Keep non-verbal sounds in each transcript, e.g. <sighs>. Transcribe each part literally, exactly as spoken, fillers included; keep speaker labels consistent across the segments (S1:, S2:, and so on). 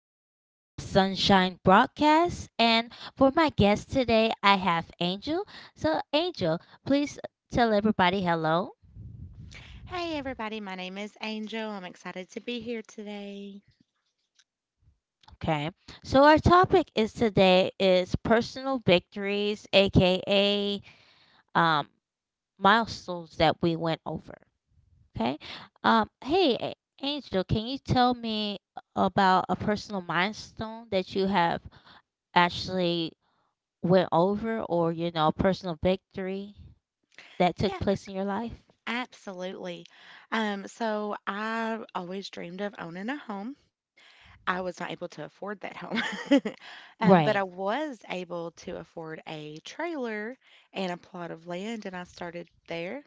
S1: into Sunshine Broadcast. And for my guest today, I have Angel. So, Angel, please tell everybody hello.
S2: Hey everybody, my name is Angel. I'm excited to be here today.
S1: Okay. So, our topic is today is personal victories, aka um, milestones that we went over. Okay. Um, hey, A- Angel, can you tell me about a personal milestone that you have actually? Went over or, you know, a personal victory that took
S2: Yeah,
S1: place in your life?
S2: absolutely. Um, so I always dreamed of owning a home. I was not able to afford that home, <laughs> um, but I
S1: Right.
S2: was able to afford a trailer and a plot of land, and I started there.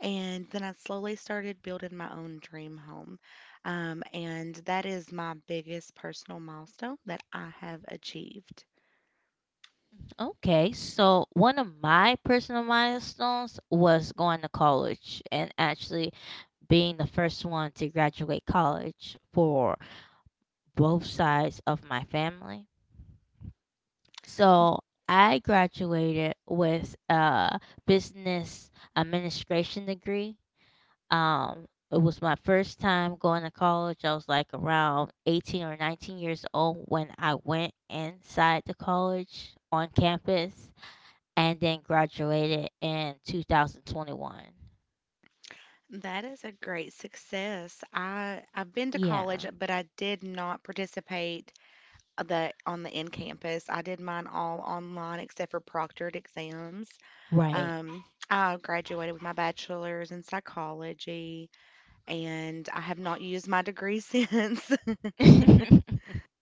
S2: And then I slowly started building my own dream home. Um, and that is my biggest personal milestone that I have achieved.
S1: Okay, so one of my personal milestones was going to college and actually being the first one to graduate college for both sides of my family. So I graduated with a business administration degree. Um, it was my first time going to college. I was like around eighteen or nineteen years old when I went inside the college on campus and then graduated in two thousand twenty-one.
S2: That is a great success. I I've been to college,
S1: Yeah,
S2: but I did not participate uh, the on the in campus. I did mine all online except for proctored exams.
S1: right.
S2: Um, I graduated with my bachelor's in psychology, and I have not used my degree <laughs> since.
S1: <laughs>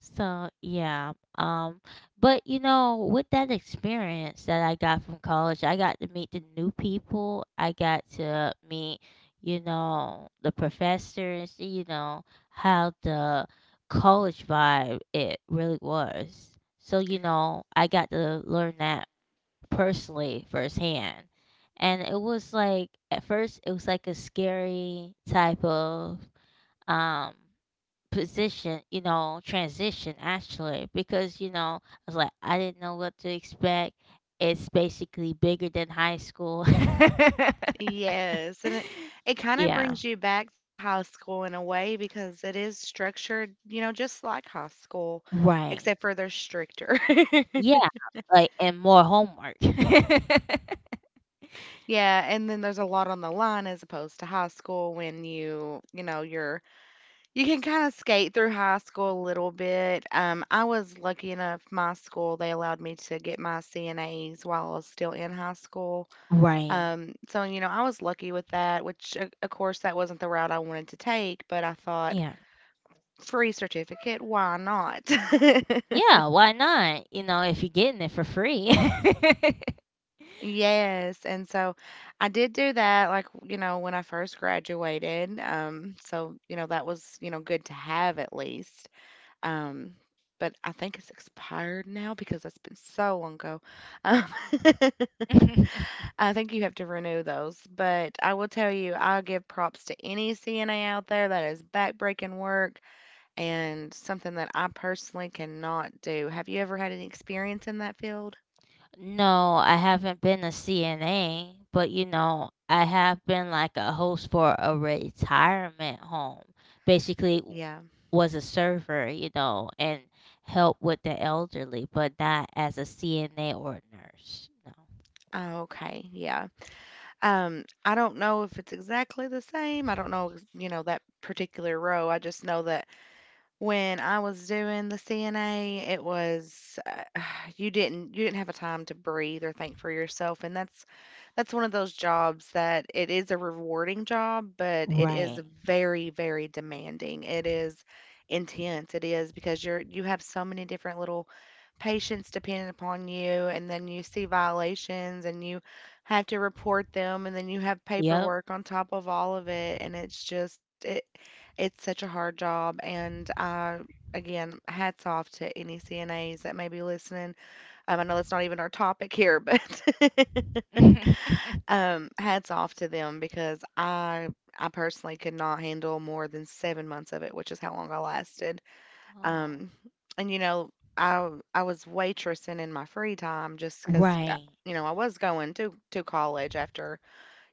S1: So yeah, um, but you know, with that experience that I got from college, I got to meet the new people. I got to meet, you know, the professors. You know how the college vibe it really was. So you know, I got to learn that personally firsthand, and it was like at first it was like a scary type of um position, you know, transition actually, because you know, I was like, I didn't know what to expect. It's basically bigger than high school.
S2: Yes, and it, it
S1: <laughs>
S2: kind of
S1: Yeah,
S2: brings you back to high school in a way because it is structured, you know, just like high school,
S1: right.
S2: except for they're stricter. <laughs>
S1: Yeah, like and more homework. <laughs>
S2: Yeah, and then there's a lot on the line as opposed to high school when you, you know, you're you can kind of skate through high school a little bit. Um, I was lucky enough, my school, they allowed me to get my C N As while I was still in high school.
S1: Right.
S2: Um, so you know, I was lucky with that, which of of course that wasn't the route I wanted to take, but I thought
S1: Yeah.
S2: free certificate, why not? <laughs>
S1: Yeah, why not? You know, if you're getting it for free.
S2: Yes, and so I did do that, like, you know, when I first graduated. Um, so, you know, that was, you know, good to have at least. Um, but I think it's expired now because it's been so long ago. Um, <laughs>
S1: <laughs>
S2: I think you have to renew those. But I will tell you, I'll give props to any C N A out there that is backbreaking work and something that I personally cannot do. Have you ever had any experience in that field?
S1: No, I haven't been a C N A, but you know, I have been like a host for a retirement home. Basically, w-
S2: Yeah.
S1: was a server, you know, and help with the elderly, but not as a C N A or nurse. No.
S2: Oh, okay. Yeah. Um, I don't know if it's exactly the same. I don't know, you know, that particular row. I just know that when I was doing the C N A, it was uh, <sighs> you didn't you didn't have a time to breathe or think for yourself, and that's that's one of those jobs that it is a rewarding job, but it is
S1: Right.
S2: very, very demanding. It is intense. It is because you're you have so many different little patients dependent upon you, and then you see violations and you have to report them, and then you have
S1: Yep.
S2: paperwork on top of all of it, and it's just it. It's such a hard job, and I again, hats off to any C N As that may be listening. Um, I know that's not even our topic here, but <laughs>
S1: <laughs>
S2: um, hats off to them because I I personally could not handle more than seven months of it, which is how long I lasted.
S1: Oh.
S2: Um, and you know, I I was waitressing in my free time just because
S1: Right.
S2: you know I was going to to college after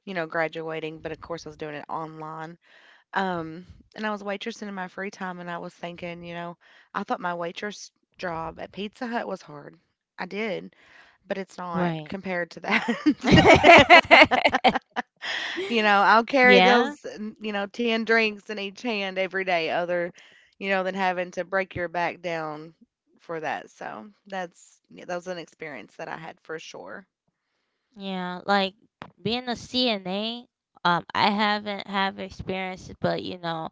S2: you know graduating, but of course I was doing it online. Um, and I was waitressing in my free time, and I was thinking, you know, I thought my waitress job at Pizza Hut was hard. I did, but it's not
S1: Right.
S2: compared to that. <laughs>
S1: <laughs>
S2: You know, I'll carry those,
S1: Yeah.
S2: n- you know, ten drinks in each hand every day, other, you know, than having to break your back down for that. So that's, yeah, that was an experience that I had for sure.
S1: Yeah. Like being a C N A, um, I haven't have experience, but you know,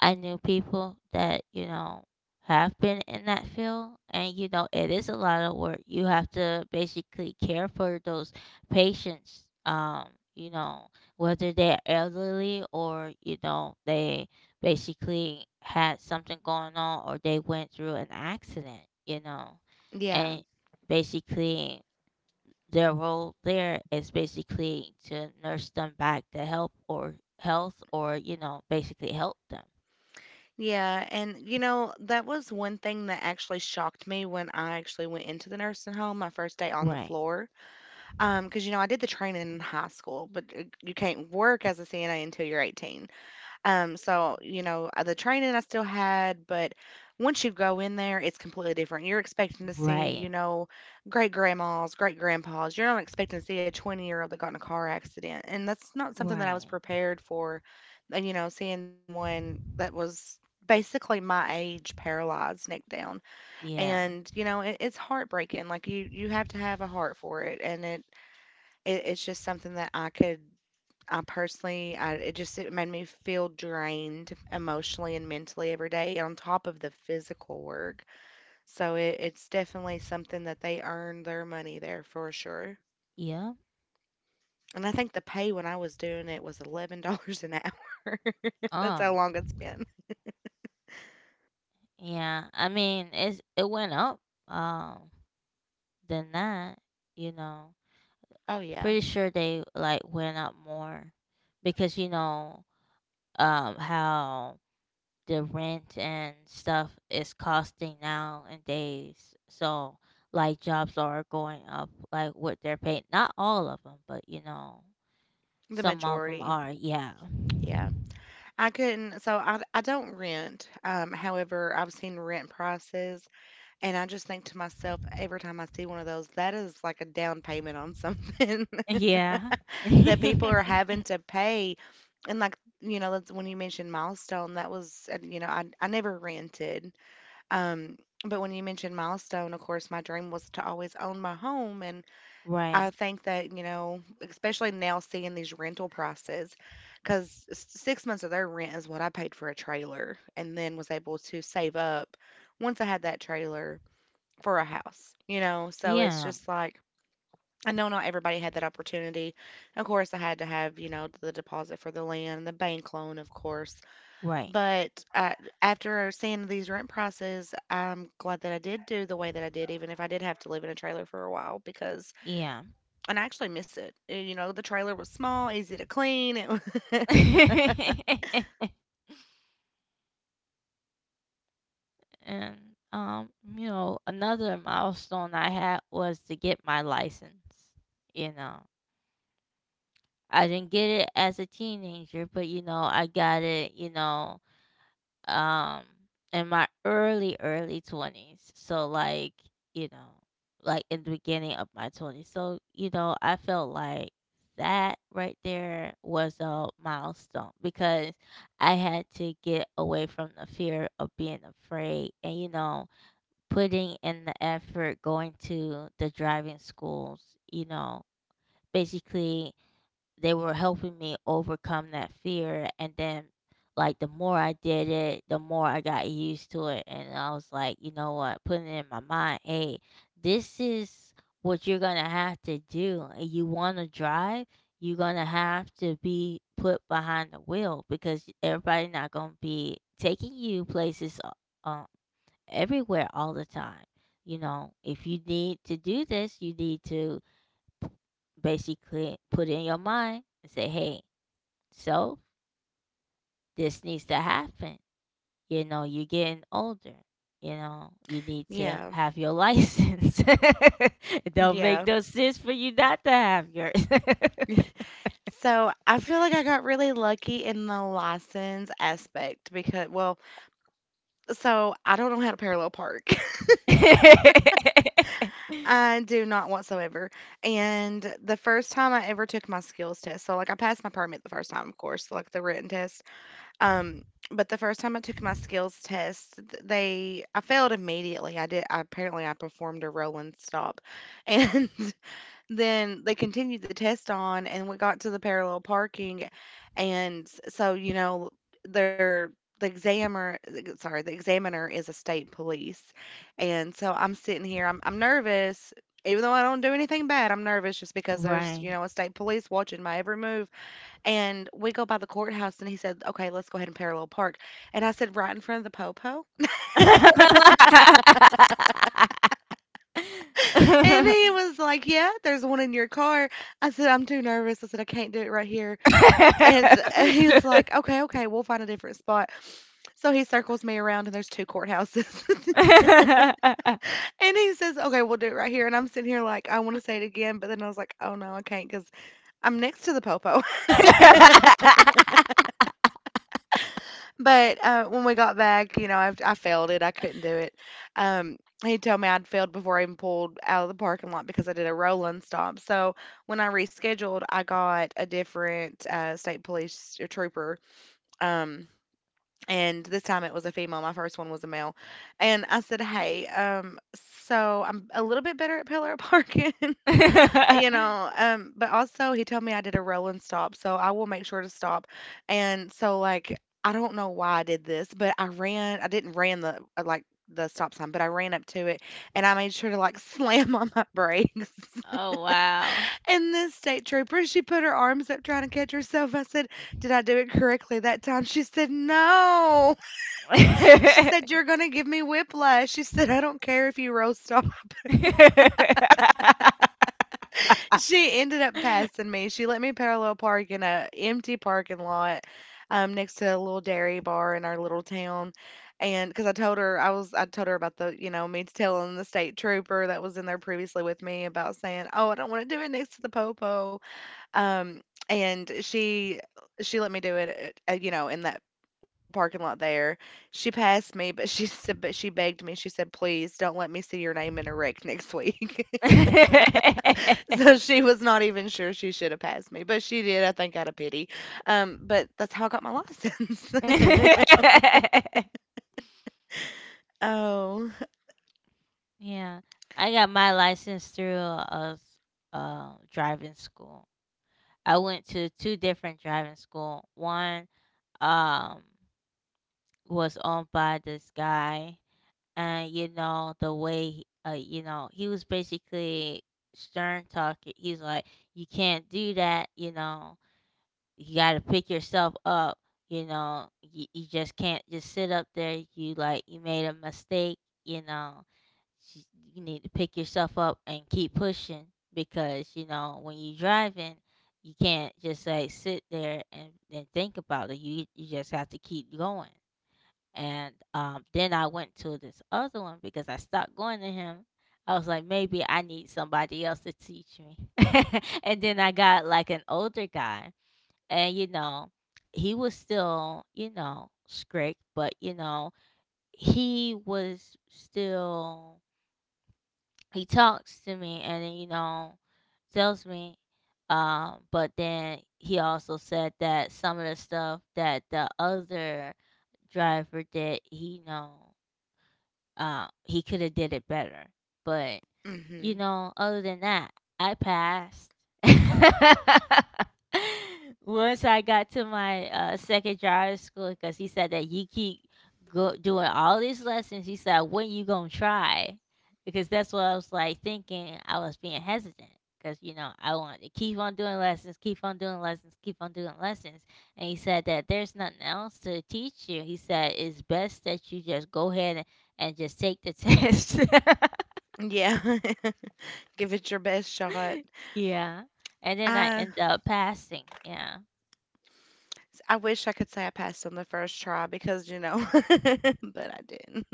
S1: I knew people that, you know, have been in that field and you know it is a lot of work. You have to basically care for those patients, um, you know, whether they're elderly or you know they basically had something going on or they went through an accident, you know.
S2: Yeah.
S1: And basically their role there is basically to nurse them back to help or health or you know basically help them.
S2: Yeah, and you know, that was one thing that actually shocked me when I actually went into the nursing home my first day on the
S1: Right.
S2: floor. Um, because you know, I did the training in high school, but uh, you can't work as a C N A until you're eighteen. Um, so, you know, uh, the training I still had, but once you go in there, it's completely different. You're expecting to see, you
S1: Right.
S2: know, great grandmas, great grandpas. You're not expecting to see a twenty year old that got in a car accident. And that's not something that I was
S1: Right.
S2: prepared for. And, you know, seeing someone that was basically my age paralyzed neck down.
S1: Yeah.
S2: And, you know, it, it's heartbreaking. Like you, you have to have a heart for it. And it, it, it's just something that I could I personally, I, it just it made me feel drained emotionally and mentally every day on top of the physical work. So it, it's definitely something that they earn their money there for sure.
S1: Yeah.
S2: And I think the pay when I was doing it was eleven dollars <laughs> an hour. <laughs> That's how
S1: Oh.
S2: long it's been.
S1: Yeah. I mean, it's it went up. Um. Than that, you know.
S2: Oh yeah,
S1: Pretty sure they like went up more, because you know, um, how the rent and stuff is costing now in days. So like jobs are going up, like what they're paying. Not all of them, but you know,
S2: the
S1: some of them
S2: majority.
S1: are. Yeah.
S2: Yeah. I couldn't so I I don't rent. Um, however, I've seen rent prices. And I just think to myself every time I see one of those, that is like a down payment on something
S1: Yeah.
S2: <laughs> that people are
S1: <laughs>
S2: having to pay. And like, you know, that's when you mentioned Milestone, that was, uh, you know, I, I never rented. Um, but when you mentioned Milestone, of course, my dream was to always own my home. And I
S1: Right.
S2: think that, you know, especially now seeing these rental prices, because six months of their rent is what I paid for a trailer and then was able to save up once I had that trailer for a house, you know? So it's
S1: Yeah.
S2: just like, I know not everybody had that opportunity. Of course, I had to have, you know, the deposit for the land, the bank loan, of course.
S1: Right.
S2: But uh, after seeing these rent prices, I'm glad that I did do the way that I did, even if I did have to live in a trailer for a while, because,
S1: Yeah.
S2: and I actually miss it. Uh, You know, the trailer was small, easy to clean. It, wa-
S1: <laughs> And um, you know, another milestone I had was to get my license. You know, I didn't get it as a teenager, but you know, I got it, you know, um in my early early twenties, so like you know like in the beginning of my twenties, so you know I felt like that right there was a milestone because I had to get away from the fear of being afraid, and you know, putting in the effort going to the driving schools, you know, basically they were helping me overcome that fear. And then like the more I did it, the more I got used to it, and I was like, you know what, putting it in my mind, hey, this is what you're gonna have to do. And you wanna drive, you're gonna have to be put behind the wheel because everybody not gonna be taking you places uh, uh, everywhere all the time. You know, if you need to do this, you need to basically put in your mind and say, hey, so this needs to happen. You know, you're getting older. You know, you
S2: <laughs>
S1: need to
S2: yeah,
S1: have your license. <laughs> It don't make
S2: yeah.
S1: no sense for you not to have yours.
S2: So I feel like I got really lucky in the license aspect because, well, so, I don't know how to parallel park. <laughs>
S1: <laughs>
S2: I do not whatsoever. And the first time I ever took my skills test, so like I passed my permit the first time, of course, like the written test. Um, but the first time I took my skills test, th- they I failed immediately. I did I, apparently I performed a roll and stop, <laughs> and then they continued the test on and we got to the parallel parking and s- so you know they're the examiner, sorry the examiner is a state police, and so i'm sitting here i'm, I'm nervous, even though I don't do anything bad. I'm nervous just because there's, you
S1: Right.
S2: know, a state police watching my every move. And we go by the courthouse and he said, "Okay, let's go ahead and parallel park." And I said, "Right in front of the popo." And he was like, "Yeah, there's one in your car." I said, "I'm too nervous." I said, "I can't do it right here." And <laughs> he's like, "Okay, okay, we'll find a different spot." So he circles me around and there's two courthouses. <laughs> And he says, "Okay, we'll do it right here." And I'm sitting here like, I wanna say it again, but then I was like, "Oh, no, I can not because 'cause I'm next to the popo." <laughs> But, uh, when we got back, you know, I I failed it. I couldn't do it. Um, he told me I'd failed before I even pulled out of the parking lot because I did a roll-in stop. So when I rescheduled, I got a different, uh, state police trooper, um, and this time it was a female. My first one was a male. And I said, "Hey, um, so I'm a little bit better at pillar parking, <laughs> you
S1: <laughs> <laughs>
S2: know, um, but also he told me I did a roll and stop, so I will make sure to stop." And so like I don't know why I did this, but I ran. I didn't ran the uh, like the stop sign, but I ran up to it and I made sure to like <laughs> slam on my brakes. <laughs>
S1: Oh, wow.
S2: And this state trooper, she put her arms up trying to catch herself. I said, "Did I do it correctly that time?" She said, "No." She said, "You're going to give me whiplash." She said, "I don't care if you roast off." <laughs> She ended up passing me. She let me parallel park in a empty parking lot um, next to a little dairy bar in our little town. And because I told her, I was, I told her about the, you know, me telling the state trooper that was in there previously with me about saying, "Oh, I don't want to do it next to the popo." Um, and she she let me do it, at, uh, you know, in that little parking lot there. She passed me, but <laughs> she said, but she begged me. She said, "Please don't let me see your name in a wreck next week." <laughs> so she was not even sure she should have passed me, but she did. I think out of pity. Um, but that's how I got my license. <laughs> oh.
S1: Yeah, I got my license through a s uh, driving school. I went to two different driving school. One, um, was owned by this guy, and, you know, the way he uh, you know, he was basically stern talking. He's like, "You can't do that," you know? You got to pick yourself up. You know, you, you just can't just sit up there. You like you made a mistake. You know, S- you need to pick yourself up and keep pushing because you know when you are driving, you can't just like sit there and, and think about it. You you just have to keep going. And um, then I went to this other one because I stopped going to him. I was like, maybe I need somebody else to teach me. <laughs> And then I got like an older guy, and, you know, he was still, you know, strict, but, you know, he was still he talks to me, and then, you know, tells me, um, but then he also said that some of the stuff that the other driver did, he know, uh, he coulda did it better, but
S2: Hmm.
S1: you know, other than that, I passed. <laughs> Once I got to my uh, second driver's school, because he said that you keep go doing all these lessons, he said, when you gonna try? Because that's what I was like thinking. I was being hesitant because you know I wanted to keep on doing lessons, keep on doing lessons, keep on doing lessons. And he said that there's nothing else to teach you. He said it's best that you just go ahead and, and just take the <laughs> test.
S2: Yeah. <laughs> Give it your best shot.
S1: <laughs> Yeah. And then I
S2: I
S1: end up passing. Yeah.
S2: I wish I could say I passed on the first try because you know, <laughs> but I didn't.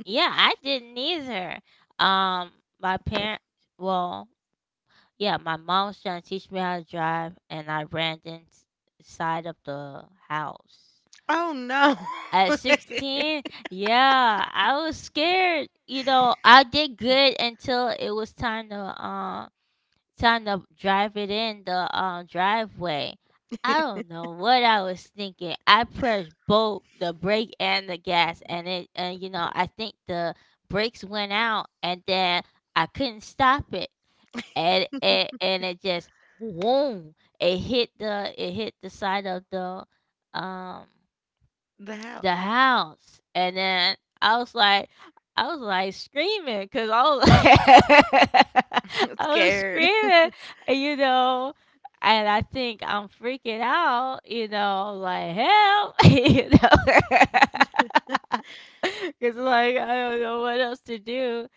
S1: Yeah, I didn't either. Um, my parents, well, yeah, my mom was trying to teach me how to drive, and I ran inside of the house.
S2: Oh, no.
S1: At
S2: <laughs>
S1: sixteen, yeah, I was scared. You know, I did good until it was time to um trying to drive it in the um, driveway. I don't know what I was thinking. I pressed both the brake and the gas, and it and you know I think the brakes went out, and then I couldn't stop it, and it and it just boom, it hit the it hit the side of the um
S2: The
S1: the
S2: house.
S1: house, and then I was like I was like screaming, cause I was
S2: <laughs>
S1: like
S2: I'm
S1: <laughs> I was
S2: scared.
S1: screaming, you know, and I think I'm freaking out, you know, like help, <laughs> you know, <laughs> cause like I don't know what else to do.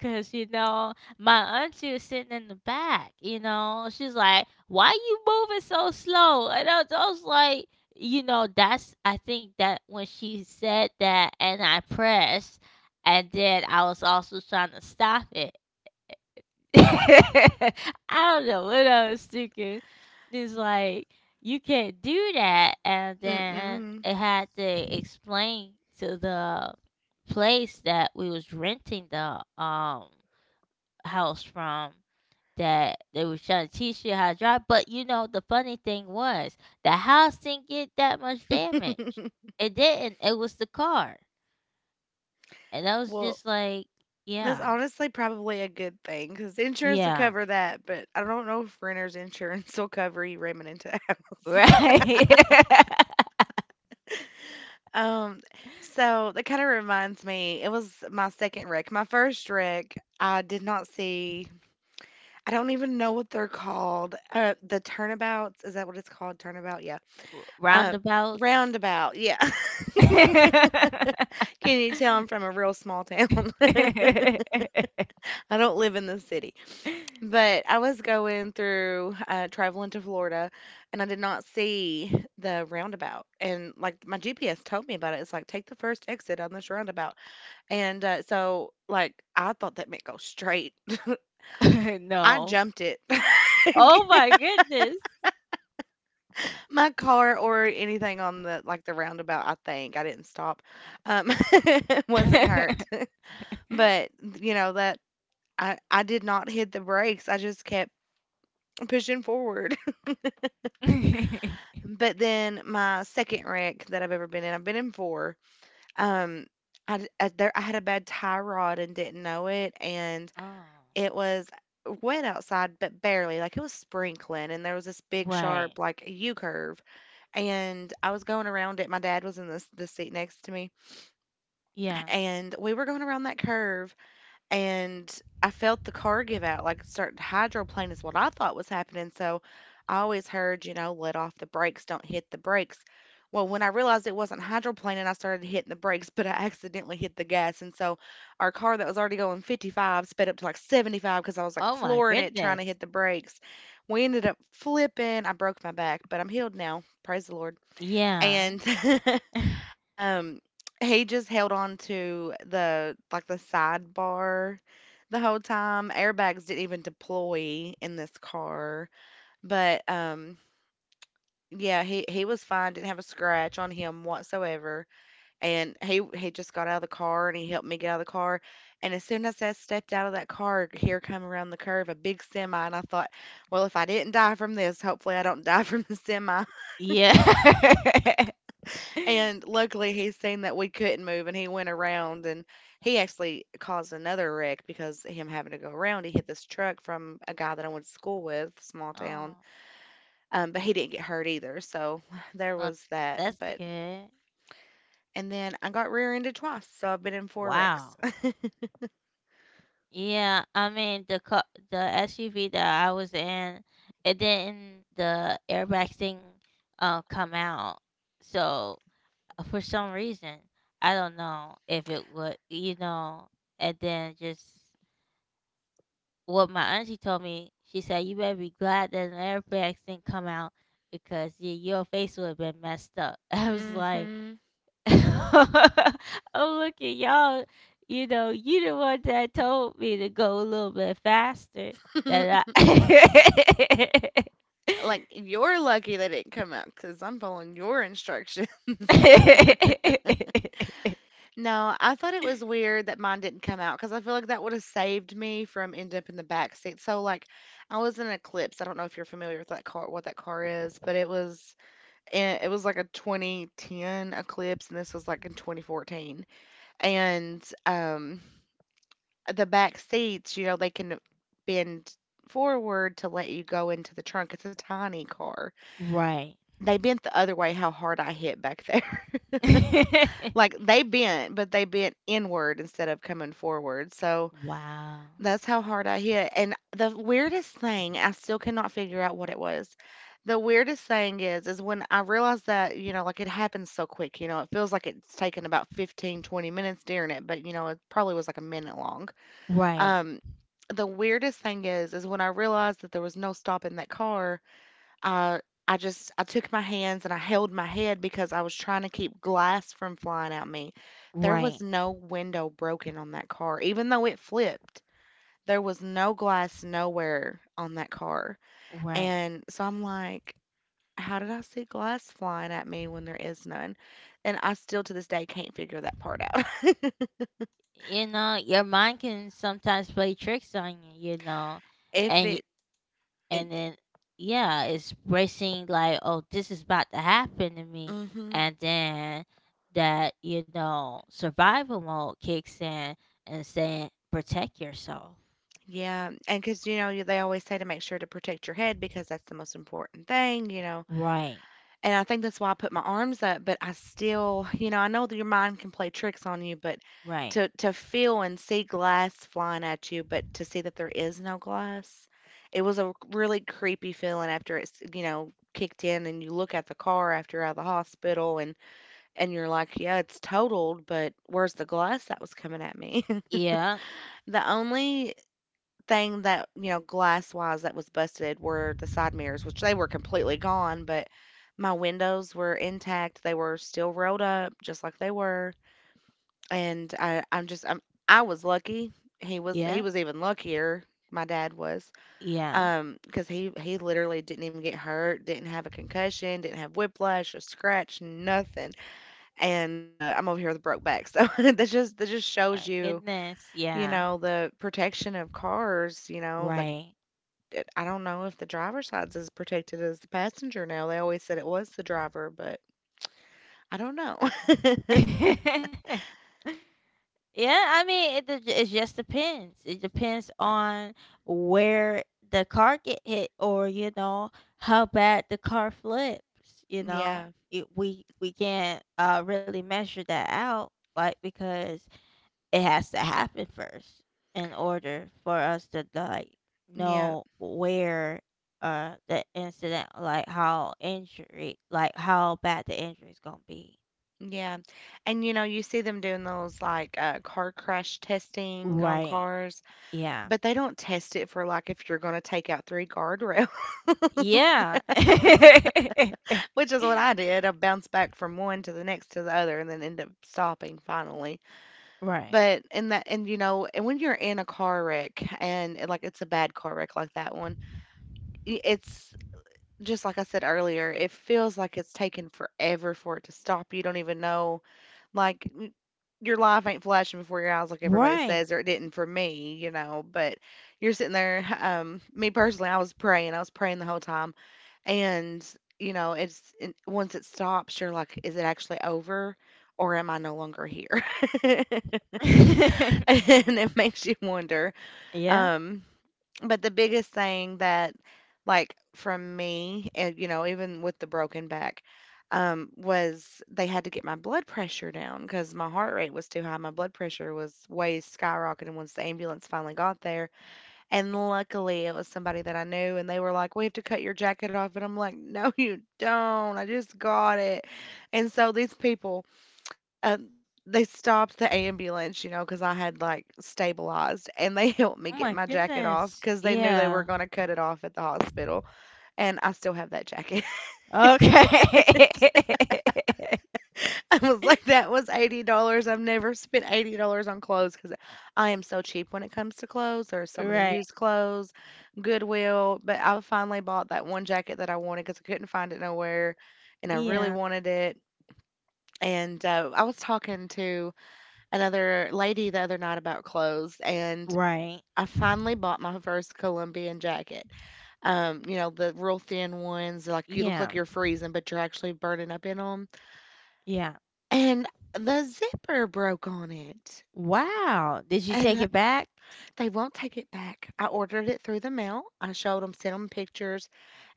S1: Cause you know, my auntie was sitting in the back, you know. She's like, Why you moving so slow? And I was, I was like, you know, that's I think that when she said that and I pressed and then I was also trying to stop it. <laughs> I don't know what I was thinking. It's like you can't do that, and then
S2: Mm-mm.
S1: I had to explain to the place that we was renting the um house from that they was trying to teach you how to drive. But you know, the funny thing was the house didn't get that much damage.
S2: <laughs>
S1: It didn't. It was the car. And I was
S2: Well,
S1: just like,
S2: that's
S1: yeah,
S2: honestly probably a good thing because insurance will
S1: yeah,
S2: cover that, but I don't know if renter's insurance <laughs> will cover you ramming into a house.
S1: <laughs>
S2: <laughs>
S1: right.
S2: Um, so that kind of reminds me, it was my second wreck. My first wreck, I did not see, I don't even know what they're called. Uh, the turnabouts, is that what it's called? Turnabout? Yeah.
S1: <laughs>
S2: Uh,
S1: Roundabouts.
S2: Roundabout. Yeah. <laughs>
S1: <laughs>
S2: Can you tell I'm from a real small town? <laughs> I don't live in the city. But I was going through, uh, traveling to Florida, and I did not see the roundabout. And, like, my G P S told me about it. It's like, "Take the first exit on this roundabout." And, uh, so, like, I thought that meant go straight. <laughs> I
S1: No.
S2: jumped it.
S1: Oh
S2: <laughs>
S1: my goodness.
S2: My car or anything on the like, the roundabout, I think. I didn't stop. Um, <laughs> wasn't hurt.
S1: <laughs>
S2: But, you know, that I I did not hit the brakes. I just kept pushing forward. <laughs>
S1: <laughs>
S2: But then my second wreck that I've ever been in, I've been in four. Um, I, d- I- there I had a bad tie rod and didn't know it, and
S1: Oh,
S2: it was wet outside, but barely. Like it was sprinkling, and there was this big
S1: right.
S2: sharp like U curve, and I was going around it. My dad was in the the seat next to me,
S1: Yeah.
S2: and we were going around that curve, and I felt the car give out, like starting to hydroplane is what I thought was happening. So I always heard, you know, let off the brakes, don't hit the brakes. Well, when I realized it wasn't hydroplaning, I started hitting the brakes, <laughs> but I accidentally hit the gas. And so our car that was already going fifty-five sped up to like seventy-five because I was like
S1: Oh my
S2: flooring it trying to
S1: goodness.
S2: hit the brakes. We ended up flipping. I broke my back, but I'm healed now. Praise the Lord.
S1: Yeah.
S2: And <laughs>
S1: <laughs>
S2: Um, he just held on to the like the sidebar the whole time. Airbags didn't even deploy in this car, but um, yeah, he he was fine. Didn't have a scratch on him whatsoever, and he he just got out of the car and he helped me get out of the car. And as soon as I stepped out of that car, here come around the curve a big semi, and I thought, well, if I didn't die from this, hopefully I don't <laughs> die from the semi.
S1: Yeah. <laughs>
S2: And luckily, he seen that we couldn't move, and he went around, and he actually caused another wreck because him having to go around, he hit this truck from a guy that I went to school with, small town.
S1: Oh,
S2: Um, but he didn't get hurt either, so <sighs> there
S1: well,
S2: was that.
S1: that's
S2: But
S1: good.
S2: and then I got rear-ended twice, so I've been in four wrecks.
S1: Wow. Yeah, I mean the car, the S U V that I was in, it didn't the airbag thing uh, come out. So uh, for some reason, I don't know if it would, you know, and then just well, my auntie told me, she said, You better be glad that an air bags didn't come out because y your face would have been messed up. <laughs> I
S2: <laughs>
S1: was like,
S2: hmm.
S1: <laughs> I'm looking, y'all, you know, you the one that told me to go a little bit faster
S2: <laughs>
S1: than I.
S2: Like you're lucky they didn't come out, 'cause I'm following your instructions. <laughs> No, I thought it was weird that mine didn't come out because I feel like that would have saved me from ending up in the back seat. So, like, I was in an Eclipse. I don't know if you're familiar with that car, what that car is, but it was eh, it was like a twenty ten Eclipse, and this was like in twenty fourteen. And um, the back seats, you know, they can bend forward to let you go into the trunk. It's a tiny car.
S1: <laughs> Right.
S2: They bent the other way. How hard I hit back there! <laughs> like
S1: <laughs>
S2: they bent, but they bent inward instead of coming forward. So
S1: Wow.
S2: that's how hard I hit, and the weirdest thing, I still cannot figure out what it was. The weirdest thing is is when I realized that, you know, like, it happens so quick, you know, it feels like it's taken about fifteen, twenty minutes during it, but, you know, it probably was, like, a minute long.
S1: Right.
S2: Um, the weirdest thing is is when I realized that there was no stopping that car, I I just I took my hands and I held my head because I was trying to keep glass from flying at me. There was
S1: Right.
S2: no window broken on that car, even though it flipped. There was no glass nowhere on that car.
S1: Right.
S2: And so I'm like, how did I see glass flying at me when there is none? And I still to this day can't figure that part out. <laughs>
S1: You know your mind can sometimes play tricks on you, you know,
S2: if
S1: and y-
S2: it,
S1: and
S2: it
S1: then yeah it's racing like oh this is about to happen to me,
S2: mhm.
S1: and then that you know survival mode kicks in and saying protect yourself.
S2: Yeah, and because you know they always say to make sure to protect your head because that's the most important thing, you know.
S1: Right.
S2: And I think that's why I put my arms up, but I still, you know, I know that your mind can play tricks on you, but
S1: Right.
S2: to to feel and see glass flying at you, but to see that there is no glass, it was a really creepy feeling after it's, you know, kicked in and you look at the car after you're out of the hospital and and you're like, yeah, it's totaled, but where's the glass that was coming at me? <laughs>
S1: Yeah.
S2: The only thing that, you know, glass-wise that was busted were the side mirrors, which they were completely gone, but my windows were intact. They were still rolled up just like they were. And I I'm just I'm I was lucky. He was he
S1: Yeah.
S2: was even luckier. My dad was,
S1: Yeah.
S2: um, because he he literally didn't even get hurt, didn't have a concussion, didn't have whiplash, a scratch, nothing. And uh, I'm over here with a broke back, so <laughs> that just that just
S1: My
S2: shows you,
S1: goodness.
S2: you
S1: Yeah.
S2: know, the protection of cars. You know, like
S1: Right.
S2: it I don't know if the driver's side's as protected as the passenger now. They always said it was the driver, but I don't know. <laughs>
S1: <laughs> Yeah, I mean, it d- it just depends. It depends on where the car get hit, or you know how bad the car flips. You know,
S2: Yeah.
S1: it, we we can't uh really measure that out, like because it has to happen first in order for us to like
S2: Yeah.
S1: know where uh the incident, like how injury, like how bad the injury is gonna be.
S2: Yeah. And, you know, you see them doing those like uh, car crash testing on
S1: Right.
S2: cars,
S1: Yeah.
S2: but they don't test it for like if you're going to take out three guardrails, <laughs>
S1: Yeah. <laughs>
S2: which is what I did. I bounced back from one to the next to the other and then end up stopping finally.
S1: Right.
S2: But in that, and you know, and when you're in a car wreck and like it's a bad car wreck like that one, y- it's just like I said earlier, it feels like it's taken forever for it to stop. You don't even know, like n- your life ain't flashing before your eyes, like everybody says, or it
S1: Right.
S2: didn't for me, you know. But you're sitting there. <laughs> Um, me personally, I was praying. I was praying the whole time, and you know, it's and once it stops, you're like, is it actually over, or am I no longer here? <laughs> and
S1: <laughs>
S2: it makes you wonder.
S1: Yeah.
S2: Um, but the biggest thing that, like, from me, and you know, even with the broken back, um, was they had to get my blood pressure down because my heart rate was too high. My blood pressure was way skyrocketing once the ambulance finally got there. And luckily, it was somebody that I knew, and they were like, we have to cut your jacket off. And I'm like, no, you don't. I just got it. And so these people, um, they stopped the ambulance, you know, because I had, like, stabilized, and they <laughs> helped me
S1: Oh
S2: get
S1: my
S2: my jacket off
S1: goodness.
S2: because they knew they were
S1: Yeah.
S2: gonna cut it off at the hospital, and I still have that jacket. <laughs>
S1: Okay. <laughs>
S2: I was like, "That was eighty dollars. I've never spent eighty dollars on clothes because I am so cheap when it comes to clothes. There are so many
S1: Right.
S2: used clothes, Goodwill, but I finally bought that one jacket that I wanted because I couldn't find it nowhere, and I really
S1: Yeah.
S2: wanted it, and, uh, I was talking to another lady the other night about clothes, and
S1: Right.
S2: I finally bought my first Colombian jacket. Um, you know, the real thin ones, like you look
S1: Yeah.
S2: like you're freezing, but you're actually burning up in them.
S1: Yeah.
S2: And the zipper broke on it.
S1: Wow. Did you take
S2: And uh,
S1: it back?
S2: they won't take it back. I ordered it through the mail. I showed them, sent them pictures,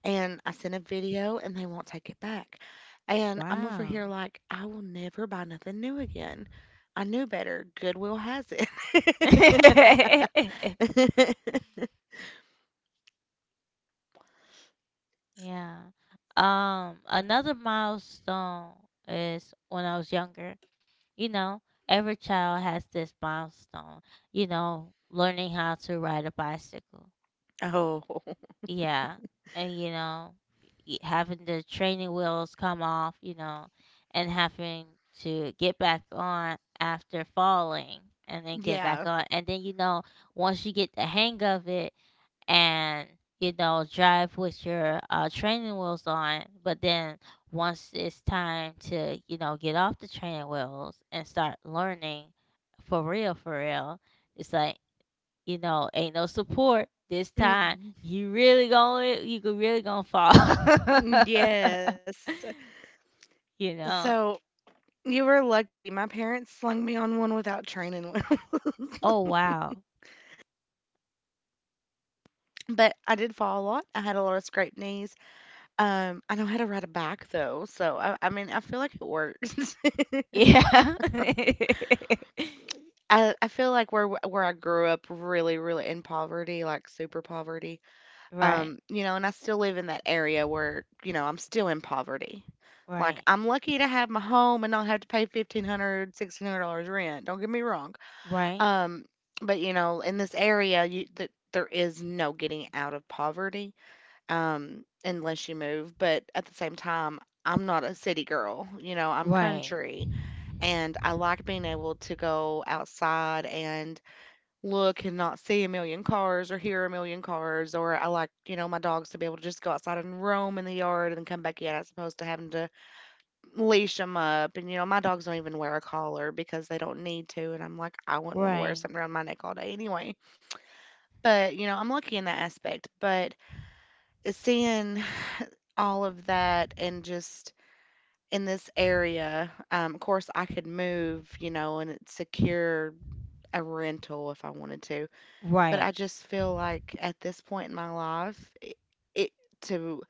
S2: and I sent a video, and they won't take it back. And I'm over
S1: Wow.
S2: here like, I will never buy nothing new again. I knew better. Goodwill has
S1: <laughs>
S2: it. <laughs>
S1: Yeah. Um, another milestone is when I was younger, you know, every child has this milestone, you know, learning how to ride a bicycle.
S2: Oh, <laughs>
S1: Yeah. And, you know, y- having the training wheels come off, you know, and having to get back on after falling and then get back
S2: yeah.
S1: on. And then, you know, once you get the hang of it, and you know drive with your uh, training wheels on, but then once it's time to, you know, get off the training wheels and start learning for real for real, it's like, you know, ain't no support this time.
S2: Mm-mm.
S1: You really going, you could really gonna fall.
S2: Mm, yes.
S1: <laughs> You know.
S2: So you were lucky. My parents slung me on one without training. <laughs>
S1: Oh, wow.
S2: But I did fall a lot. I had a lot of scraped knees. Um, I know how to ride a bike though, so I, I mean, I feel like it works. <laughs>
S1: Yeah. <laughs>
S2: I, I feel like where where I grew up, really, really in poverty, like super poverty.
S1: Right,
S2: Um, you know, and I still live in that area where, you know, I'm still in poverty. Like
S1: right,
S2: I'm lucky to have my home and not have to pay fifteen hundred, sixteen hundred dollars rent. Don't get me wrong.
S1: right,
S2: Um, but you know, in this area, you that there is no getting out of poverty, um, unless you move. But at the same time, I'm not a city girl. You know, I'm
S1: right,
S2: country, and I like being able to go outside and look and not see a million cars or hear a million cars or I like, you know, my dogs to be able to just go outside and roam in the yard and then come back in as opposed to having to leash them up. And, you know, my dogs don't even wear a collar because they don't need to. And I'm like, I wouldn't want to wear
S1: right,
S2: something around my neck all day anyway. But, you know, I'm lucky in that aspect. But seeing all of that and just in this area, um, of course, I could move, you know, and secure a rental if I wanted to. But I
S1: right.
S2: just feel like at this point in my life, it, it to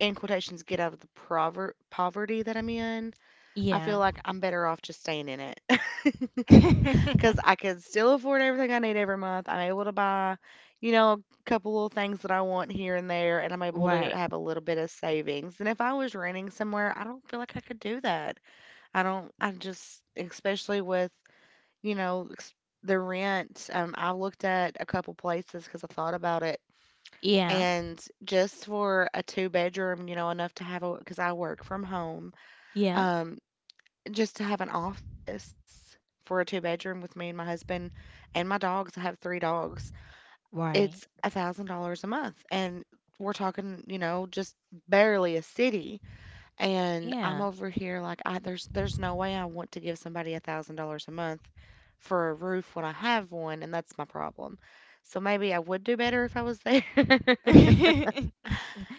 S2: in quotations get out of the prover- poverty that I'm in. I feel
S1: Yeah.
S2: like I'm better off just staying in it. <laughs> Because I
S1: <laughs>
S2: can still afford everything I need every month. I'm able to buy, you know, a couple little things that I want here and there, and I'm able to
S1: Right.
S2: have a little bit of savings. And if I was renting somewhere, I don't feel like I could do that. I don't. I just, especially with you know, ex the rent, um, I looked at a couple places because I thought about it,
S1: Yeah.
S2: and just for a two-bedroom, you know, enough to have a because I work from home,
S1: Yeah.
S2: um, just to have an office for a two-bedroom with me and my husband and my dogs, I have three dogs, it's
S1: Right.
S2: one thousand dollars a month, and we're talking, you know, just barely a city. And I'm
S1: Yeah.
S2: over here like I there's there's no way I want to give somebody one thousand dollars a month for a roof when I have one, and that's my problem. So maybe I would do better if I was there. <laughs>
S1: <laughs>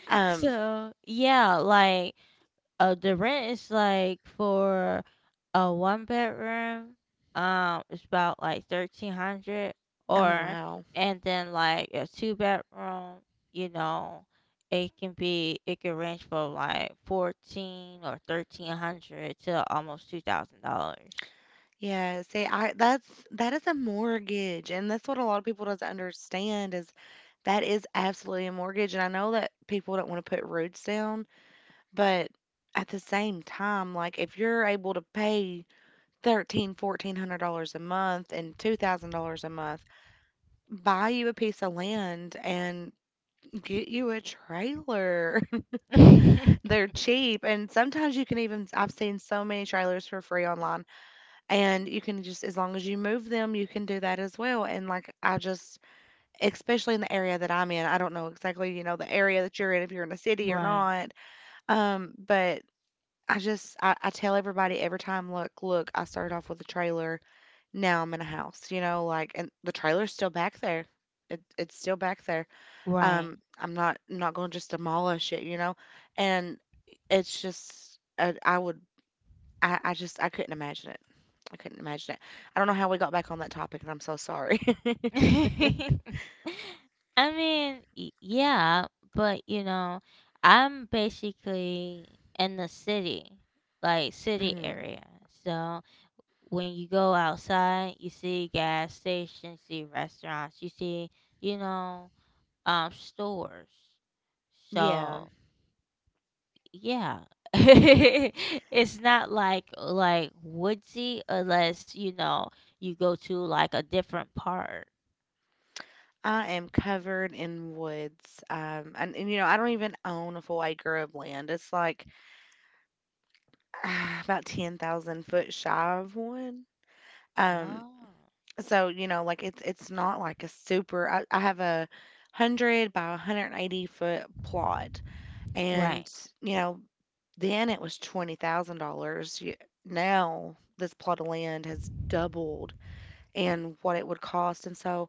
S2: Um,
S1: So, yeah, like uh the rent is like for a one bedroom, um, it's about like thirteen hundred,
S2: oh
S1: or.
S2: wow.
S1: And then like a two bedroom, you know, it can be it can range from like fourteen or thirteen hundred to almost two thousand dollars.
S2: Yeah, see, I that's that is a mortgage, and that's what a lot of people doesn't understand is that is absolutely a mortgage. And I know that people don't want to put roots down, but at the same time, like if you're able to pay Thirteen, fourteen hundred dollars a month and two thousand dollars a month, buy you a piece of land and get you a trailer. <laughs>
S1: <laughs>
S2: They're cheap. And sometimes you can even, I've seen so many trailers for free online. And you can just, as long as you move them, you can do that as well. And like, I just, especially in the area that I'm in, I don't know exactly, you know, the area that you're in, if you're in a city or
S1: Right.
S2: not. Um, but I just, I, I tell everybody every time, look, look, I started off with a trailer. Now I'm in a house, you know, like and the trailer's still back there. It it's still back there.
S1: Right.
S2: Um, I'm not I'm not going to just demolish it, you know? And it's just I, I would I, I just I couldn't imagine it. I couldn't imagine it. I don't know how we got back on that topic, and I'm so sorry. <laughs>
S1: <laughs> I mean, y- yeah, but you know, I'm basically in the city, like city
S2: Mhm.
S1: area. So when you go outside, you see gas stations, you see restaurants, you see, you know, um, stores.
S2: Yeah,
S1: So yeah, <laughs> it's not like like woodsy unless you know you go to like a different part.
S2: I am covered in woods. Um, and, and you know, I don't even own a full acre of land. It's like <sighs> ah, about ten thousand foot shy of one. Um,
S1: Oh.
S2: So, you know, like it's it's not like a super I, I have a hundred by one hundred and eighty foot plot.
S1: Right.
S2: And you know, then it was twenty thousand dollars. Now this plot of land has doubled in what it would cost. And so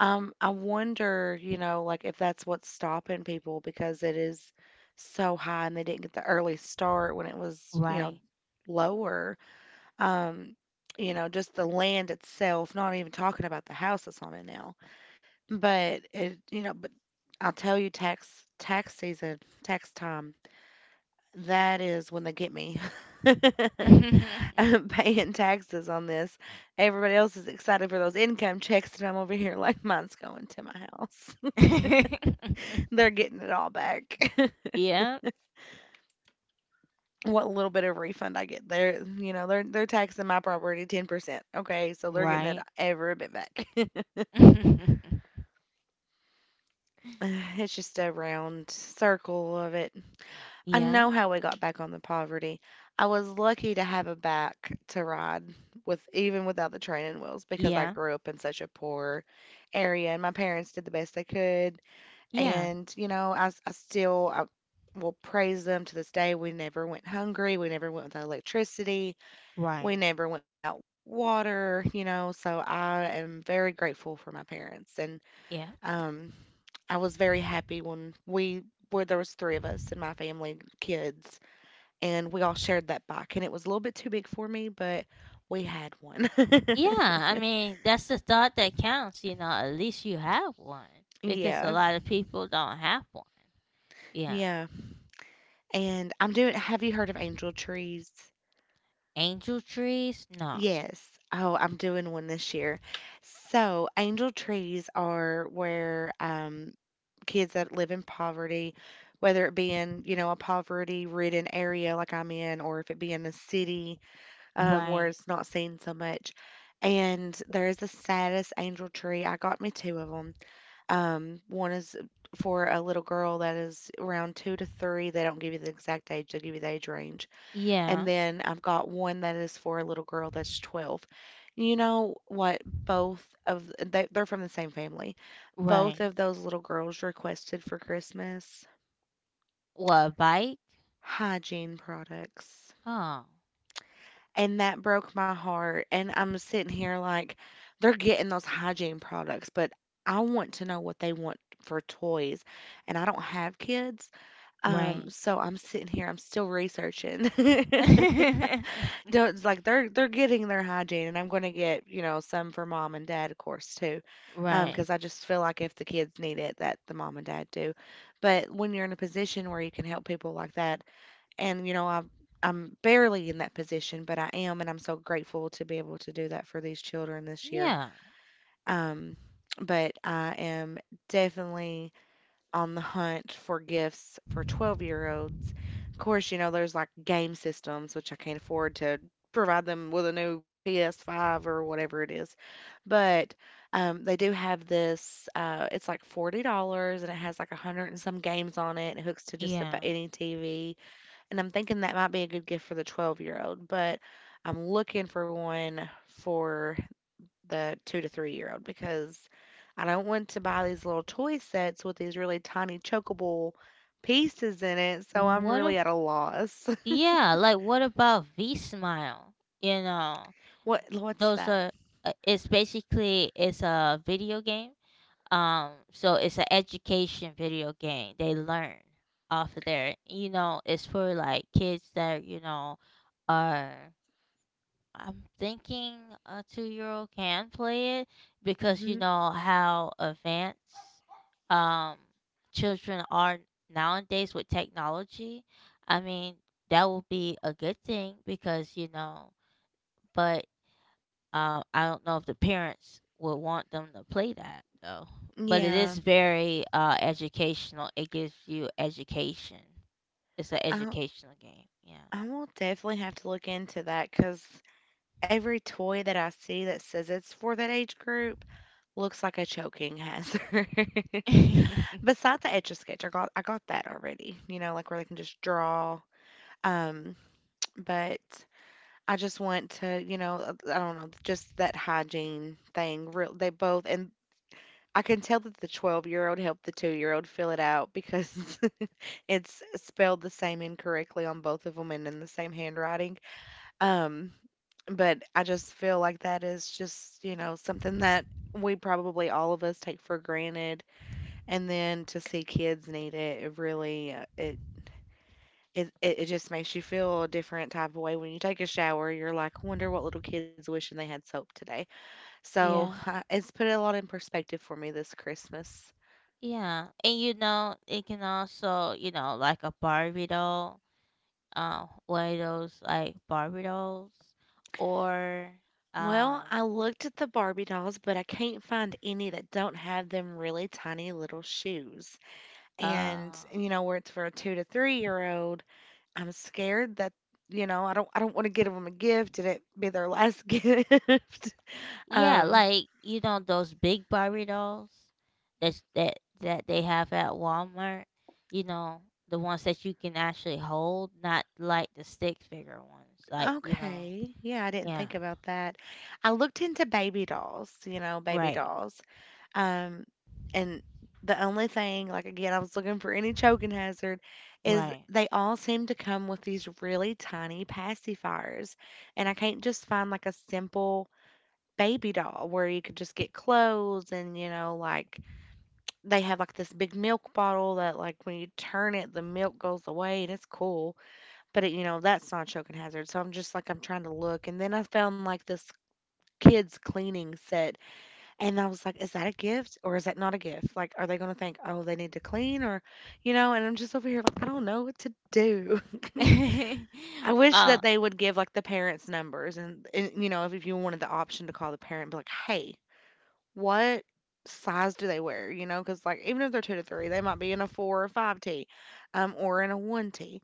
S2: um I wonder, you know, like if that's what's stopping people because it is so high and they didn't get the early start when it was, you know,
S1: Right.
S2: lower. Um, you know, just the land itself, not even talking about the house that's on it now. But it, you know, but I'll tell you, tax tax season, tax time, that is when they get me. <laughs>
S1: <laughs>
S2: I'm paying taxes on this. Everybody else is excited for those income checks, and I'm over here like mine's going to my house. <laughs> They're getting it all back. <laughs>
S1: Yeah.
S2: What little bit of refund I get, they're you know they're they're taxing my property ten percent. Okay, so they're getting
S1: Right.
S2: it every bit back. <laughs>
S1: <laughs>
S2: <sighs> It's just a round circle of it. I
S1: Yeah.
S2: know how we got back on the poverty. I was lucky to have a back to ride with even without the training wheels because I
S1: Yeah.
S2: grew up in such a poor area and my parents did the best they could.
S1: Yeah.
S2: And, you know, I, s- I still I will praise them to this day. We never went hungry. We never went without electricity. We
S1: Right.
S2: never went without water, you know. So I am very grateful for my parents. And
S1: Yeah.
S2: um, I was very happy when we where there was three of us in my family, kids, and we all shared that bike. And it was a little bit too big for me, but we had one. <laughs>
S1: Yeah. I mean, that's the thought that counts, you know, at least you have one because a
S2: Yeah,
S1: lot of people don't have one. Yeah.
S2: yeah. And I'm doing. Have you heard of angel trees?
S1: Angel trees? No.
S2: Yes. Oh, I'm doing one this year. So, angel trees are where um, kids that live in poverty, whether it be in, you know, a poverty-ridden area like I'm in, or if it be in the city, um, where
S1: Right.
S2: it's not seen so much. And there is a status angel tree. I got me two of them. Um, one is for a little girl that is around two to three. They don't give you the exact age, they give you the age range. And
S1: Yeah.
S2: then I've got one that is for a little girl that's twelve. You know what? Both of they, they're from the same family. Both
S1: Right.
S2: of those little girls requested for Christmas
S1: What, a bike?
S2: hygiene products.
S1: Oh.
S2: And that broke my heart, and I'm sitting here like, they're getting those hygiene products, but I want to know what they want for toys, and I don't have kids, um,
S1: Right.
S2: so I'm sitting here, I'm still researching. <laughs>
S1: <laughs>
S2: Don't it's like they're they're getting their hygiene, and I'm gonna get, you know, some for mom and dad, of course, too. Um,
S1: Right.
S2: because I just feel like if the kids need it, that the mom and dad do. But when you're in a position where you can help people like that, and you know i'm i'm barely in that position, but I am, and I'm so grateful to be able to do that for these children this year.
S1: Yeah.
S2: um but I am definitely on the hunt for gifts for twelve year olds. Of course, you know there's like game systems which I can't afford to provide them with a new P S five or whatever it is. But um, they do have this uh, it's like forty dollars, and it has like a hundred and some games on it. It hooks to just about
S1: Yeah.
S2: any tv. And I'm thinking that might be a good gift for the twelve-year-old, but I'm looking for one for the two to three-year-old because I don't want to buy these little toy sets with these really tiny chokeable pieces in it, so I'm
S1: What
S2: really
S1: a
S2: at a loss. <laughs>
S1: yeah, like what about V Smile? You know,
S2: What what's
S1: those
S2: that?
S1: are, uh, it's basically it's a video game. Um, so it's an education video game. They learn off of there. You know, it's for like kids that you know are I'm thinking a two-year-old can play it, because you
S2: Mhm.
S1: know how advanced, um, children are nowadays with technology. I mean, that will be a good thing, because you know, but um, I don't know if the parents would want them to play that though. But it
S2: Yeah.
S1: is very, uh, educational. It gives you education. It's an
S2: I
S1: educational game.
S2: I will definitely have to look into that because every toy that I see that says it's for that age group looks like a choking hazard. <laughs>
S1: Yeah.
S2: Besides the Etch a Sketch, I got I got that already, you know, like where they can just draw. Um, but I just want to, you know, uh, I don't know, just that hygiene thing. Real, they both, and I can tell that the twelve year old helped the two year old fill it out because <laughs> it's spelled the same incorrectly on both of them and in the same handwriting. Um, but I just feel like that is just, you know, something that we probably all of us take for granted, and then to see kids need it, it really, uh, it it it it just makes you feel a different type of way. When you take a shower, you're like, "I wonder what little kid's wishing they had soap today."
S1: <laughs>
S2: So,
S1: Yeah.
S2: uh, it's put a lot in perspective for me this Christmas.
S1: Yeah, and you know it can also, you know, like a Barbie doll, um, one of those like Barbie dolls, or
S2: Well,
S1: um,
S2: I looked at the Barbie dolls, but I can't find any that don't have them really tiny little shoes. And,
S1: uh,
S2: you know, where it's for a two to three-year-old, I'm scared that, you know, I don't I don't wanna give give them a gift and it be their last <laughs> gift.
S1: yeah,
S2: Um,
S1: like you know those big Barbie dolls that that that they have at Walmart. You know the ones that you can actually hold, not like the stick figure ones. Like, you know,
S2: Okay. Yeah, I didn't
S1: yeah,
S2: think about that. I looked into baby dolls, you know, baby
S1: right,
S2: dolls. Um, and the only thing, like again, I was looking for any choking hazard, is
S1: right,
S2: they all seem to come with these really tiny pacifiers. And I can't just find like a simple baby doll where you could just get clothes and, you know, like they have like this big milk bottle that like when you turn it, the milk goes away and it's cool. But it you know, that's not a choking hazard, so I'm just, like, I'm trying to look, and then I found, like, this kids cleaning set, and I was like, "Is that a gift or is that not a gift?" Like, are they gonna think, "Oh, they need to clean," or you know, and I'm just over here like, I don't know what to do. <laughs>
S1: <laughs>
S2: I wish that
S1: uh,
S2: they would give, like, the parents' numbers and and, you know, if if you wanted the option to call the parent, be like, "Hey, what size do they wear?" You know, because like, even if they're two to three, they might be in a four or five t, um, or in a one t.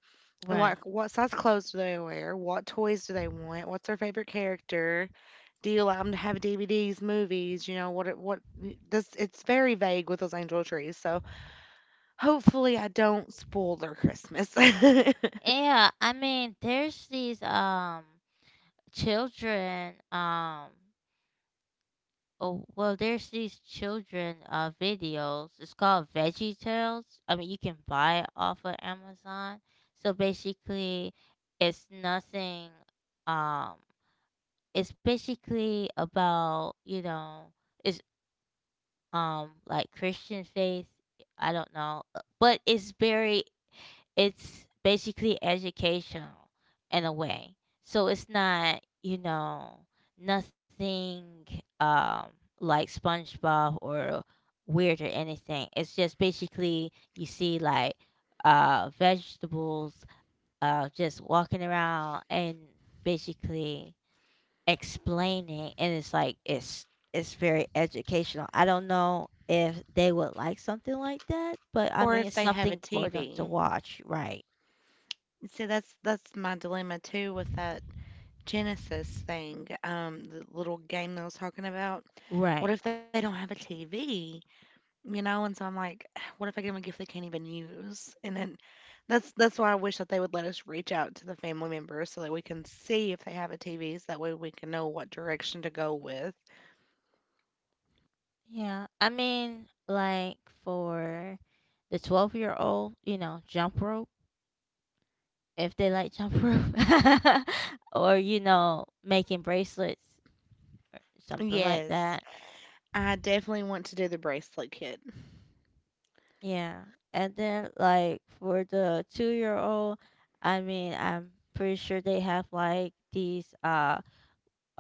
S2: And,
S1: right.
S2: like, what size clothes do they wear? What toys do they want? What's their favorite character? Do you allow them to have D V Ds, movies? You know what? It, what does? It's very vague with those angel trees. So hopefully, I don't spoil their Christmas, <laughs>
S1: Yeah, I mean, there's these um children, um oh, well, there's these children uh videos. It's called Veggie Tales. I mean, you can buy it off of Amazon. So basically, it's nothing, um it's basically about, you know, it's, um like Christian faith. I don't know, uh, but it's very it's basically educational in a way. So it's not, you know, nothing, um, like SpongeBob or weird or anything. It's just basically you see like, uh, vegetables, uh, just walking around and basically explaining, and it's like it's it's very educational. I don't know if they would like something like that, but I
S2: or
S1: mean,
S2: if
S1: it's
S2: they have a
S1: something for them to
S2: T V.
S1: watch, right?
S2: See, that's that's my dilemma too with that Genesis thing, um, the little game that I was talking about. What
S1: Right.
S2: if they don't have a T V? You know, and so I'm like, <sighs> what if I give them a gift they can't even use? And then that's that's why I wish that they would let us reach out to the family members so that we can see if they have a TV so that way we can know what direction to go with.
S1: Yeah. I mean, like for the twelve-year-old, you know, jump rope, if they like jump rope, <laughs> or, you know, making bracelets, something like
S2: Yes,
S1: that.
S2: I definitely want to do the bracelet kit.
S1: Yeah. And then, like for the two-year-old, I mean, I'm pretty sure they have like these uh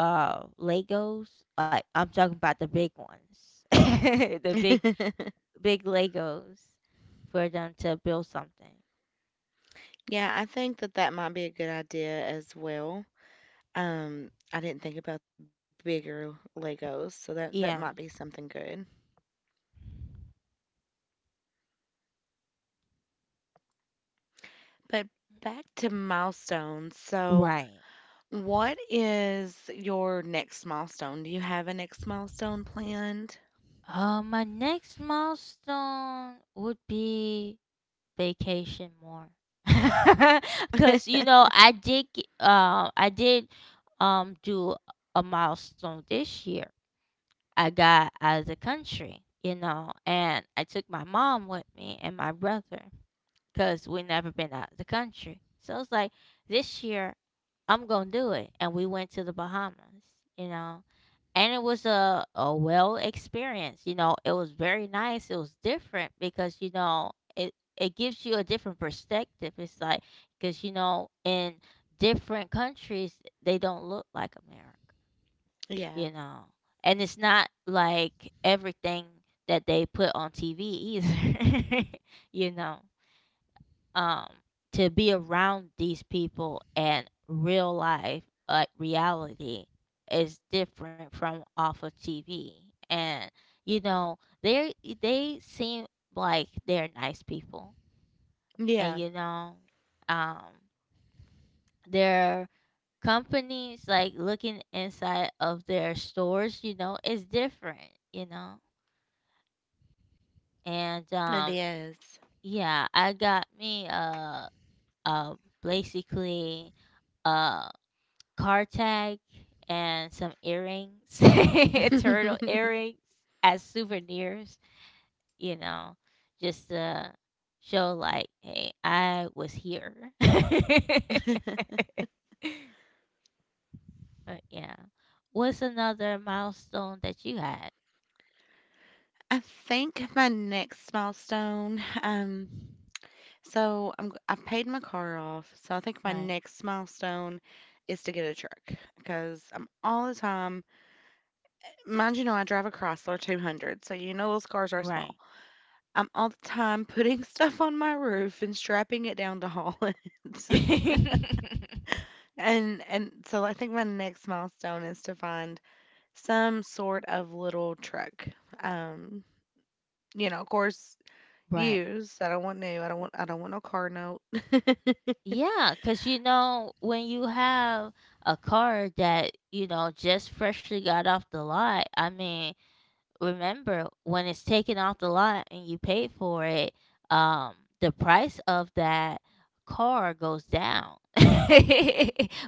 S1: uh Legos. Like, I'm talking about the big ones, <laughs> the big
S2: <laughs>
S1: big Legos for them to build something.
S2: Yeah, I think that that might be a good idea as well. um I didn't think about the bigger Legos, so that that might
S1: Yeah.
S2: be something good. But back to milestones. So
S1: Right.
S2: what is your next milestone? Do you have a next milestone planned?
S1: Uh, my next milestone would be vacation more, <laughs> cause you know I did g- uh, I did um do a milestone this year. I got out of the country, you know, and I took my mom with me and my brother, cause we never been out of the country. So it's like, this year I'm gonna do it, and we went to the Bahamas, you know, and it was a, a well experience, you know. It was very nice. It was different, because you know it it gives you a different perspective. It's like, because you know, in different countries they don't look like America,
S2: Yeah.
S1: you know, and it's not like everything that they put on T V either. <laughs> You know. Um to be around these people and real life, like reality, is different from off of T V. And, you know, they they seem like they're nice people, and
S2: Yeah,
S1: you know, um their companies, like looking inside of their stores, you know, is different, you know. And,
S2: it
S1: um
S2: is.
S1: yeah, I got me, uh uh basically, uh, car tag and some earrings, <laughs> turtle
S2: <laughs>
S1: earrings, as souvenirs, you know, just to show like, hey, I was here. <laughs> But yeah. What's another milestone that you had?
S2: I think my next milestone, um, so I'm, g- I paid my car off. So I think my
S1: Right.
S2: next milestone is to get a truck because I'm all the time, mind you know, I drive a Chrysler two hundred. So you know those cars are
S1: Right.
S2: small. I'm all the time putting <laughs> stuff on my roof and strapping it down to haul it.
S1: <laughs>
S2: And and so I think my next milestone is to find some sort of little truck. Um, you know, of course,
S1: Right.
S2: used. I don't want new. I don't want I don't want no car note. <laughs>
S1: Yeah, because you know, when you have a car that, you know, just freshly got off the lot, I mean, remember when it's taken off the lot and you pay for it, um, the price of that car goes down <laughs>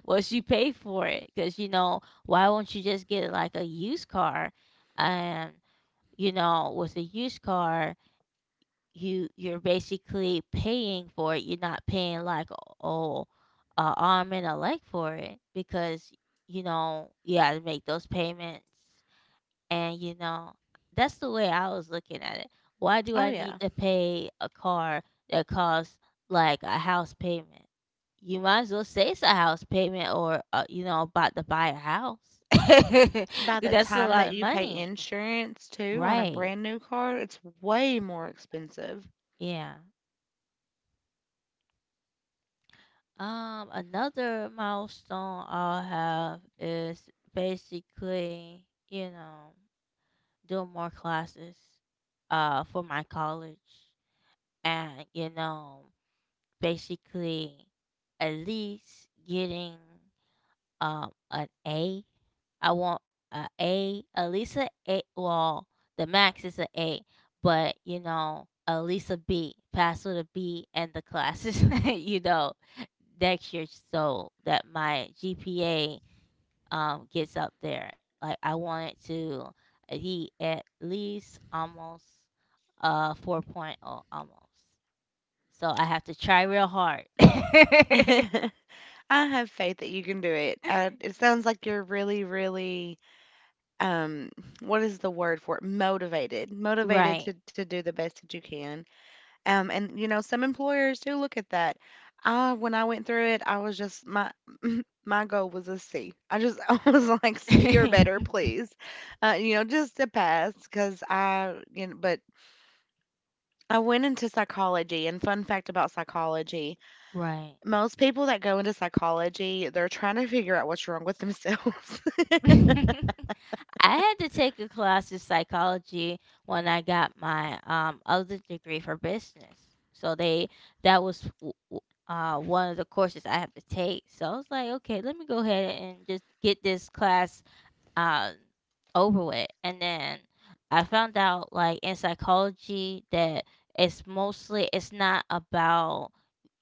S1: once you pay for it. Because, you know, why won't you just get like a used car? And, you know, with a used car, you you're basically paying for it. You're not paying like, oh, a arm and a leg for it, because you know you got to make those payments, and you know, that's the way I was looking at it. Why do
S2: Oh
S1: I need
S2: yeah.
S1: to pay a car that costs like a house payment? You might as well say it's a house payment, or uh, you know, about to buy a house. <laughs> 'Cause
S2: By the
S1: that's a
S2: time
S1: lot
S2: that
S1: of
S2: you pay
S1: money,
S2: insurance too on a
S1: right?
S2: brand new car, it's way more expensive.
S1: Yeah. Um, another milestone I'll have is basically, you know, doing more classes, uh, for my college, and you know basically at least getting um an A. I want a A, at least a A. Well, the max is a A, but, you know, at least a B. Pass with a B and the classes, <laughs> you know, next year, so that my G P A um gets up there. Like, I want it to be at least almost, uh 4.0 almost. So I have to try real hard. <laughs>
S2: <laughs> I have faith that you can do it. Uh, it sounds like you're really, really, um, what is the word for it? Motivated, motivated
S1: Right.
S2: to, to do the best that you can. Um, and you know, some employers do look at that. I, when I went through it, I was just my my goal was a C. I just <laughs> I was like C or better,
S1: <laughs>
S2: please. Uh, you know, just to pass because I, you know, but I went into psychology. And fun fact about psychology,
S1: Right.
S2: most people that go into psychology, they're trying to figure out what's wrong with themselves.
S1: <laughs> I had to take a class in psychology when I got my, um, other degree for business. So they, that was, w- w- uh, one of the courses I have to take. So I was like, okay, let me go ahead and just get this class, uh, over with. And then I found out, like, in psychology, that it's mostly, it's not about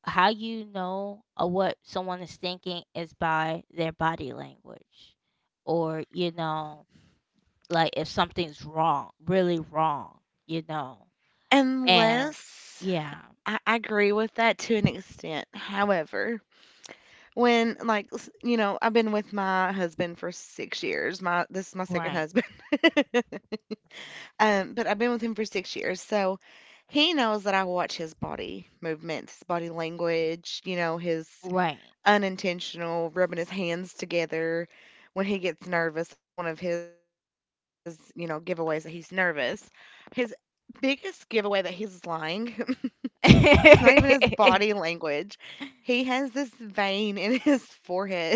S1: how, you know, uh, what someone is thinking is by their body language, or, you know, like if something's wrong, really wrong, you know.
S2: <laughs>
S1: And
S2: Unless
S1: yeah.
S2: I I agree with that to an extent. However, when, like, s you know, I've been with my husband for six years. My this is my second
S1: Right,
S2: husband. <laughs> Um, but I've been with him for six years, so he knows that I watch his body movements, his body language, you know, his
S1: right.
S2: unintentional rubbing his hands together when he gets nervous. That's one of his, you know, giveaways that he's nervous. His biggest giveaway that he's lying, <laughs> it's not even his
S1: <laughs>
S2: body language. He has this vein in his forehead.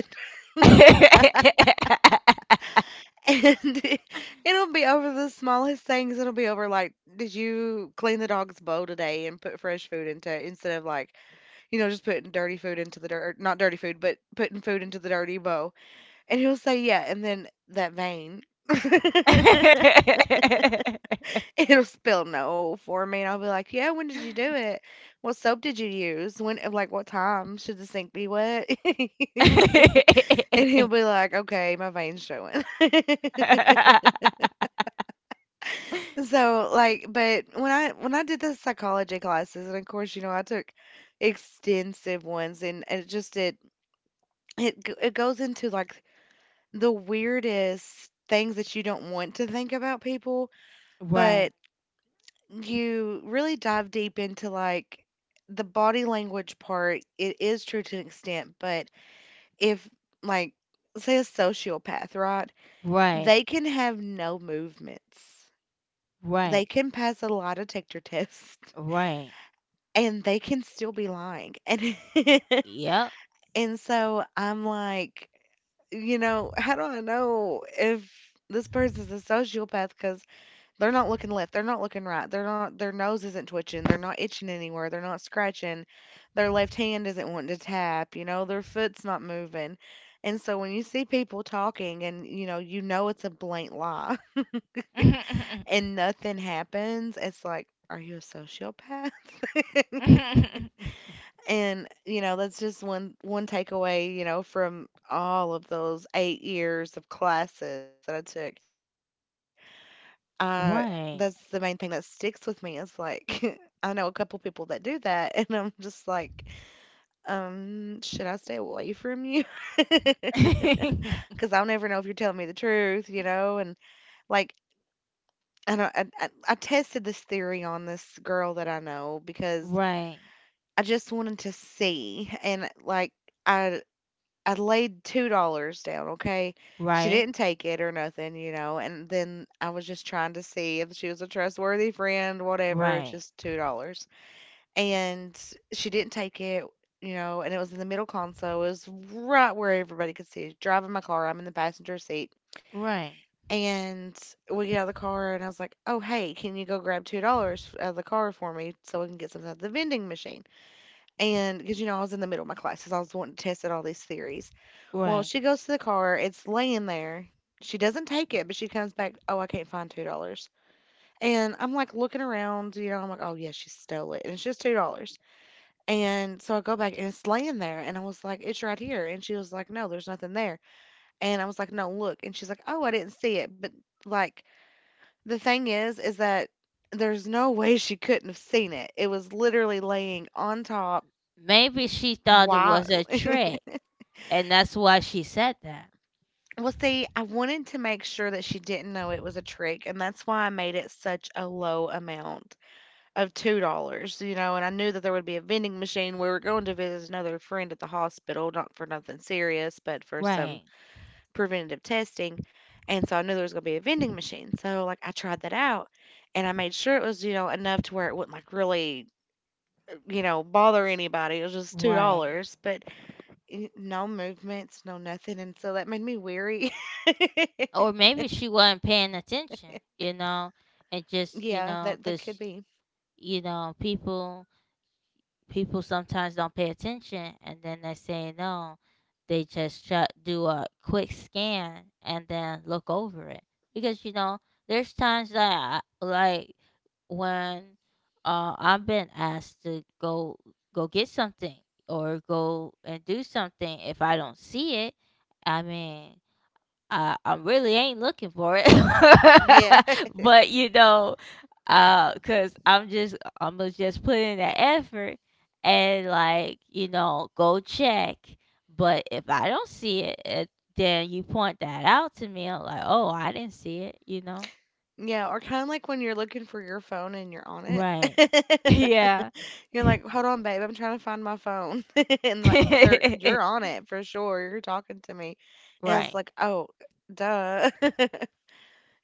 S2: And <laughs> it'll be over the smallest things. It'll be over like, did you clean the dog's bowl today and put fresh food into instead of like, you know, just putting dirty food into the dirt, not dirty food, but putting food into the dirty bowl. And he'll say, yeah. And then that vein, <laughs> it'll spill no for me. And I'll be like, yeah, when did you do it? What soap did you use? When, uh, like, what time should the sink be wet? <laughs> And he'll be like, okay, my vein's showing. <laughs> So, like, but when I when I did the psychology classes, and of course, you know, I took extensive ones, and it just it it g- it goes into like the weirdest things that you don't want to think about people, but
S1: Right,
S2: you really dive deep into like the body language part. It is true to an extent, but if like say a sociopath, right?
S1: right,
S2: They can have no movements. They
S1: right,
S2: can pass a lot of Tictor <laughs> tests.
S1: right.
S2: And they can still be lying. <laughs> And
S1: Yep.
S2: and so I'm like, you know, how do I know if this person's a sociopath because they're not looking left, they're not looking right, they're not their nose isn't twitching, they're not itching anywhere, they're not scratching, their left hand isn't wanting to tap, you know, their foot's not moving. And so when you see people talking and you know, you know it's a blatant lie. <laughs>
S1: <laughs>
S2: And nothing happens, it's like, are you a sociopath? <laughs>
S1: <laughs>
S2: And, you know, that's just one one takeaway, you know, from all of those eight years of classes that I took. Uh, that's the main thing that
S1: Right.
S2: sticks with me is like, <laughs> I know a couple people that do that, <laughs> and I'm just like, um, should I stay away from you? <laughs>
S1: <laughs>
S2: Because I'll never know if you're telling me the truth, you know? And like, I don't, I, I, I tested this theory on this girl that I know because
S1: Right.
S2: I just wanted to see. And like, I I laid two dollars down, okay? She
S1: Right.
S2: didn't take it or nothing, you know, and then I was just trying to see if she was a trustworthy friend, whatever. It's
S1: Right.
S2: just two dollars. And she didn't take it, you know, and it was in the middle console. It was right where everybody could see it. Driving my car, I'm in the passenger seat.
S1: Right.
S2: And we get out of the car, and I was like, "Oh, hey, can you go grab two dollars out of the car for me so we can get something at the vending machine?" And because you know I was in the middle of my classes, I was wanting to test out all these theories, well,
S1: Right.
S2: she goes to the car, it's laying there. She doesn't take it, but she comes back, "Oh, I can't find two dollars." And I'm, like, looking around, you know, I'm like, "Oh, yeah, she stole it," and it's just two dollars. And so I go back, and it's laying there, and I was like, "It's right here." And she was like, "No, there's nothing there." And I was like, "No, look." And she's like, "Oh, I didn't see it." But, like, the thing is, is that there's no way she couldn't have seen it. It was literally laying on top.
S1: Maybe she thought it
S2: Wow.
S1: was a
S2: <laughs>
S1: trick and that's why she said that.
S2: Well, see, I wanted to make sure that she didn't know it was a trick, and that's why I made it such a low amount of two dollars you know, and I knew that there would be a vending machine. We were going to visit another friend at the hospital, not for nothing serious, but for some
S1: Right.
S2: preventative testing. And so I knew there was going to be a vending machine. So, like, I tried that out and I made sure it was, you know, enough to where it wouldn't, like, really, you know, bother anybody. It was just
S1: Right.
S2: two dollars but eh, no movements, no nothing. And so that made me weary. <laughs>
S1: Or maybe she wasn't paying attention, you know,
S2: Yeah,
S1: and
S2: that that
S1: just,
S2: could
S1: you know,
S2: be.
S1: cuz, you know, people people sometimes don't pay attention and then they say no, they just shut, do a quick scan and then look over it, because you know there's times that I, like when uh, I've been asked to go go get something or go and do something, if I don't see it, I mean, uh, I really ain't looking for it.
S2: Yeah.
S1: <laughs>
S2: <laughs>
S1: But, you know, uh, because 'cause I'm just Imma just put in the effort and, like, you know, go check. But if I don't see it, it then you point that out to me, I'm like, "Oh, I didn't see it," you know?
S2: Yeah, or kind of like when you're looking for your phone and you're on
S1: Right.
S2: it.
S1: <laughs> Yeah.
S2: <laughs> You're like, "Hold on, babe, I'm trying to find my phone." <laughs> And like they're you're on
S1: <laughs>
S2: it for sure. You're talking to me. And it's
S1: Right.
S2: like, "Oh, duh." <laughs>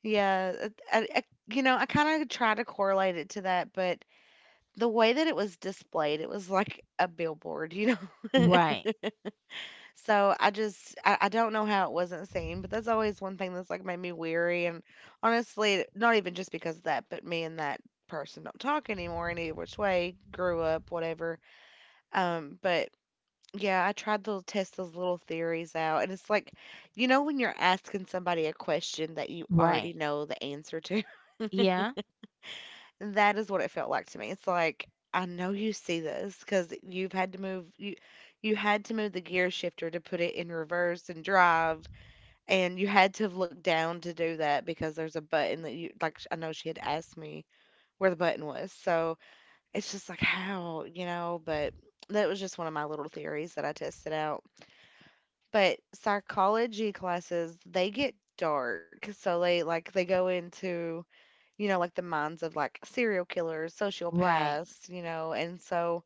S2: Yeah, it- I, I, you know, I kind of try to correlate it to that, but the way that it was displayed, it was like a billboard, you know. <laughs>
S1: Right.
S2: So I just I, I don't know how it wasn't seen, but that's always one thing that's like made me weary. And honestly, not even just because of that, but me and that person don't talk anymore any which way, grew up, whatever. Um, but yeah, I tried to test those little theories out. And it's like, you know when you're asking somebody a question that you already
S1: Right.
S2: know the answer to? <laughs>
S1: Yeah.
S2: That is what it felt like to me. It's like, I know you see this because you've had to move you you had to move the gear shifter to put it in reverse and drive. And you had to look down to do that because there's a button that you like sh- I know she had asked me where the button was. So it's just like how, you know, but that was just one of my little theories that I tested out. But psychology classes, they get dark. So they like they go into, you know, like the minds of like serial killers,
S1: Right.
S2: sociopaths, you know, and so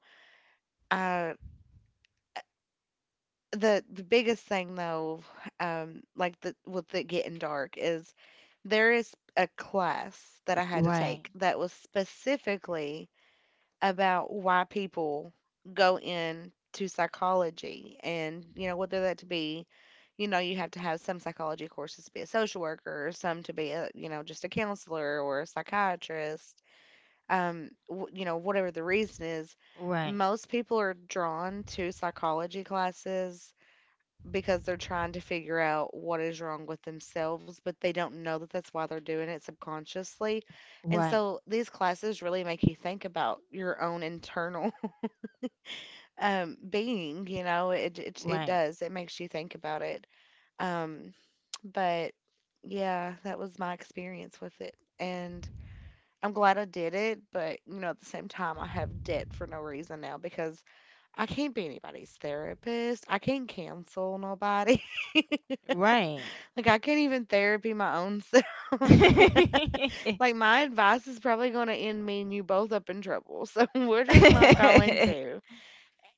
S2: I. The the biggest thing though, um, like the with it getting dark is there is a class that I had to
S1: Right.
S2: take that was specifically about why people go into psychology. And, you know, whether that to be, you know, you have to have some psychology courses to be a social worker, or some to be a, you know, just a counselor or a psychiatrist. Um, w- you know, whatever the reason is,
S1: Right.
S2: most people are drawn to psychology classes because they're trying to figure out what is wrong with themselves, but they don't know that that's why they're doing it subconsciously. And
S1: Right.
S2: so these classes really make you think about your own internal <laughs> um, being, you know, it, it, it
S1: Right.
S2: does. It makes you think about it. Um, but yeah, that was my experience with it. And I'm glad I did it, but, you know, at the same time, I have debt for no reason now because I can't be anybody's therapist. I can't cancel nobody. <laughs>
S1: Right.
S2: Like, I can't even therapy my own
S1: <laughs>
S2: self. <laughs>
S1: Yeah.
S2: Like, my advice is probably gonna end me and you both up in trouble, so <laughs> we're just not going to.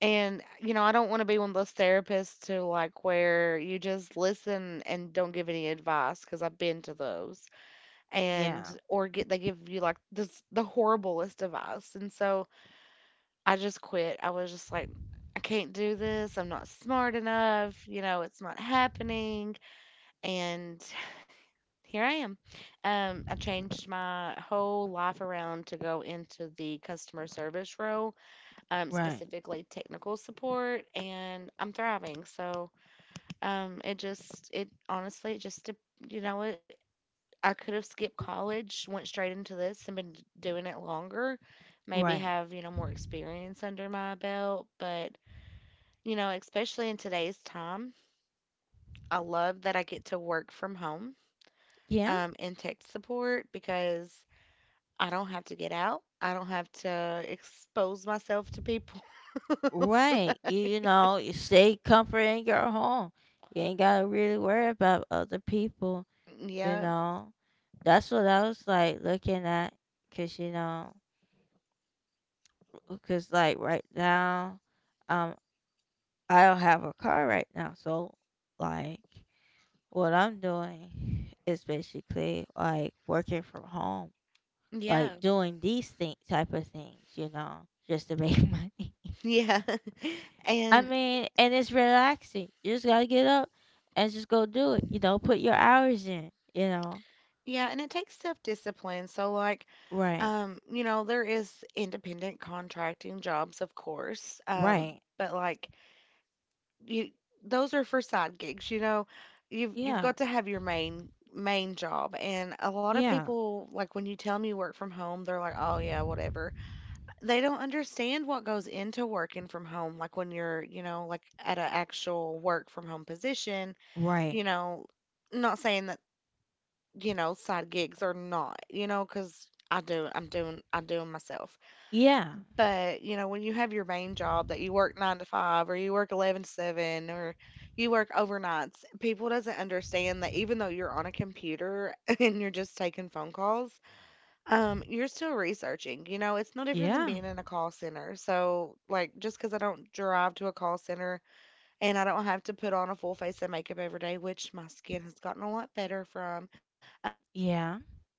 S2: And, you know, I don't wanna be one of those therapists to, like, where you just listen and don't give any advice because 'cause I've been to those, and or get they give you, like, this the horriblest advice, and so I just quit. I was just like, "I can't do this, I'm not smart enough, you know, it's not happening," and here I am. Um, I changed my whole life around to go into the customer service role, um,
S1: Right.
S2: specifically technical support, and I'm thriving. So, um, it just, it honestly, it just, de- you know, it, I could have skipped college, went straight into this, and been doing it longer, maybe
S1: Right.
S2: have, you know, more experience under my belt. But, you know, especially in today's time, I love that I get to work from home,
S1: Yeah.
S2: um, in tech support because I don't have to get out. I don't have to expose myself to people. <laughs>
S1: Right. You, you know, you stay comfort in your home. You ain't gotta really worry about other people, you
S2: Yeah.
S1: know. That's what I was like looking at, cause you know, cause like right now, um, I don't have a car right now, so like what I'm doing is basically like working from home,
S2: Yeah.
S1: like doing these thing type of things, you know, just to make <laughs> money.
S2: <laughs> Yeah.
S1: I
S2: And
S1: mean, and it's relaxing. You just gotta get up and just go do it. You know, put your hours in. You know,
S2: yeah, and it takes self-discipline. So like,
S1: right,
S2: um, you know, there is independent contracting jobs, of course. Um,
S1: right,
S2: but like you those are for side gigs, you know. You've you've
S1: yeah,
S2: got to have your main main job. And a lot of
S1: yeah,
S2: people, like when you tell them you work from home, they're like, "Oh yeah, whatever." They don't understand what goes into working from home, like when you're, you know, like at an actual work from home position,
S1: right,
S2: you know, not saying that, you know, side gigs are not, you know, because I do, I'm doing, I do 'em myself.
S1: yeah,
S2: But, you know, when you have your main job that you work nine to five, or you work eleven to seven, or you work overnights, people doesn't understand that even though you're on a computer <laughs> and you're just taking phone calls, um, you're still researching. You know, it's no different than
S1: yeah,
S2: being in a call center. So, like, just because I don't drive to a call center and I don't have to put on a full face of makeup every day, which my skin has gotten a lot better from, um,
S1: yeah,
S2: <laughs>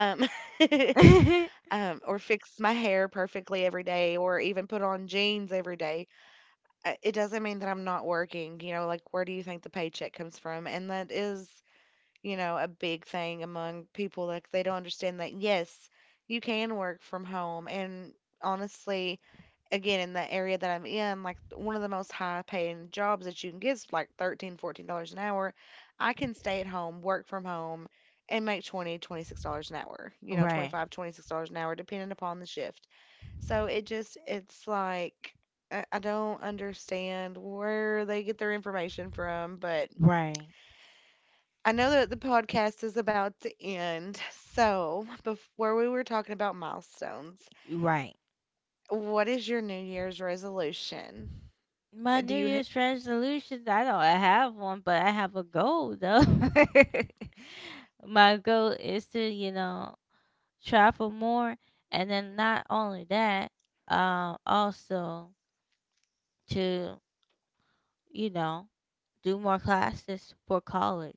S2: um,
S1: <laughs>
S2: or
S1: right,
S2: fix my hair perfectly every day, or even put on jeans every day, uh, it doesn't mean that I'm not working. You know, like, where do you think the paycheck comes from? And that is, you know, a big thing among people. Like they don't understand that, yes, you can work from home. And honestly, again, in the area that I'm in, like one of the most high paying jobs that you can get is like thirteen fourteen dollars an hour. I can stay at home, work from home, and make twenty twenty-six dollars an hour. You know,
S1: right,
S2: twenty-five twenty-six dollars an hour, depending upon the shift. So it just it's like I I don't understand where they get their information from, but I know that the podcast is about to end. So, before we were talking about milestones,
S1: right.
S2: what is your New Year's resolution?
S1: My
S2: Do
S1: New
S2: you ha-
S1: Year's resolution, I don't have one, but I have a goal though. <laughs> My goal is to, you know, travel more, and then not only that, um also to, you know, do more classes for college.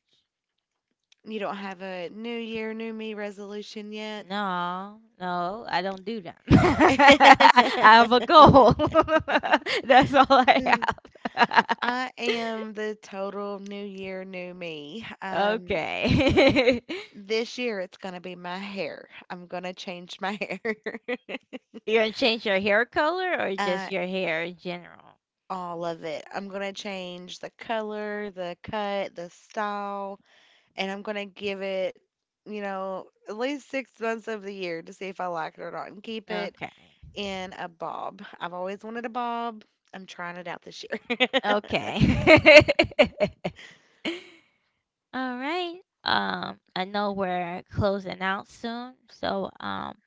S2: you don't have a New Year, New Me resolution yet?
S1: No, no, I don't do them. <laughs> I
S2: <laughs>
S1: have a goal. <laughs> That's all I
S2: Mm,
S1: have.
S2: I am the total new year, new me.
S1: <laughs>
S2: Um,
S1: Okay. <laughs>
S2: this year it's gonna be my hair. I'm gonna change my hair. <laughs>
S1: You're gonna change your hair color, or
S2: Uh,
S1: just your hair in general?
S2: all of it. I'm gonna change the color, the cut, the style. And I'm gonna give it, you know, at least six months of the year to see if I like it or not and keep it
S1: Okay.
S2: in a bob. I've always wanted a bob. I'm trying it out this year. <laughs>
S1: Okay. <laughs> All right. Um, I know we're closing out soon, so, um,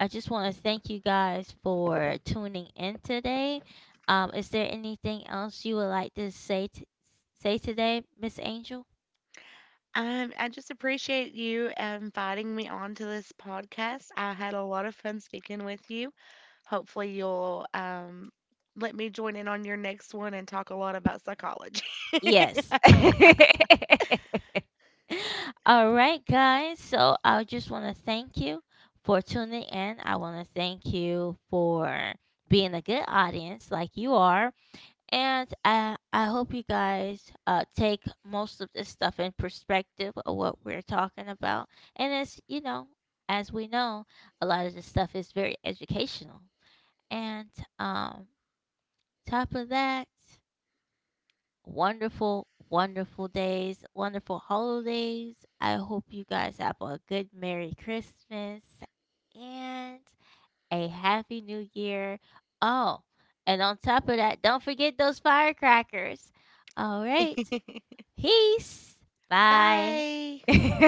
S1: I just want to thank you guys for tuning in today. Um, is there anything else you would like to say t- say today, Miss Angel?
S2: um, I just appreciate you inviting me on to this podcast. I had a lot of fun speaking with you. Hopefully, you'll um, let me join in on your next one and talk a lot about psychology.
S1: Yes. <laughs> All right, guys. So I just want to thank you for tuning in. I want to thank you for being a good audience like you are. And I, I hope you guys, uh, take most of this stuff in perspective of what we're talking about. And as you know, as we know, a lot of this stuff is very educational. And, um, top of that, wonderful, wonderful days, wonderful holidays. I hope you guys have a good Merry Christmas. And a happy new year. Oh, and on top of that, don't forget those firecrackers. All right.
S2: <laughs>
S1: Peace. Bye.
S2: Bye.
S1: <laughs>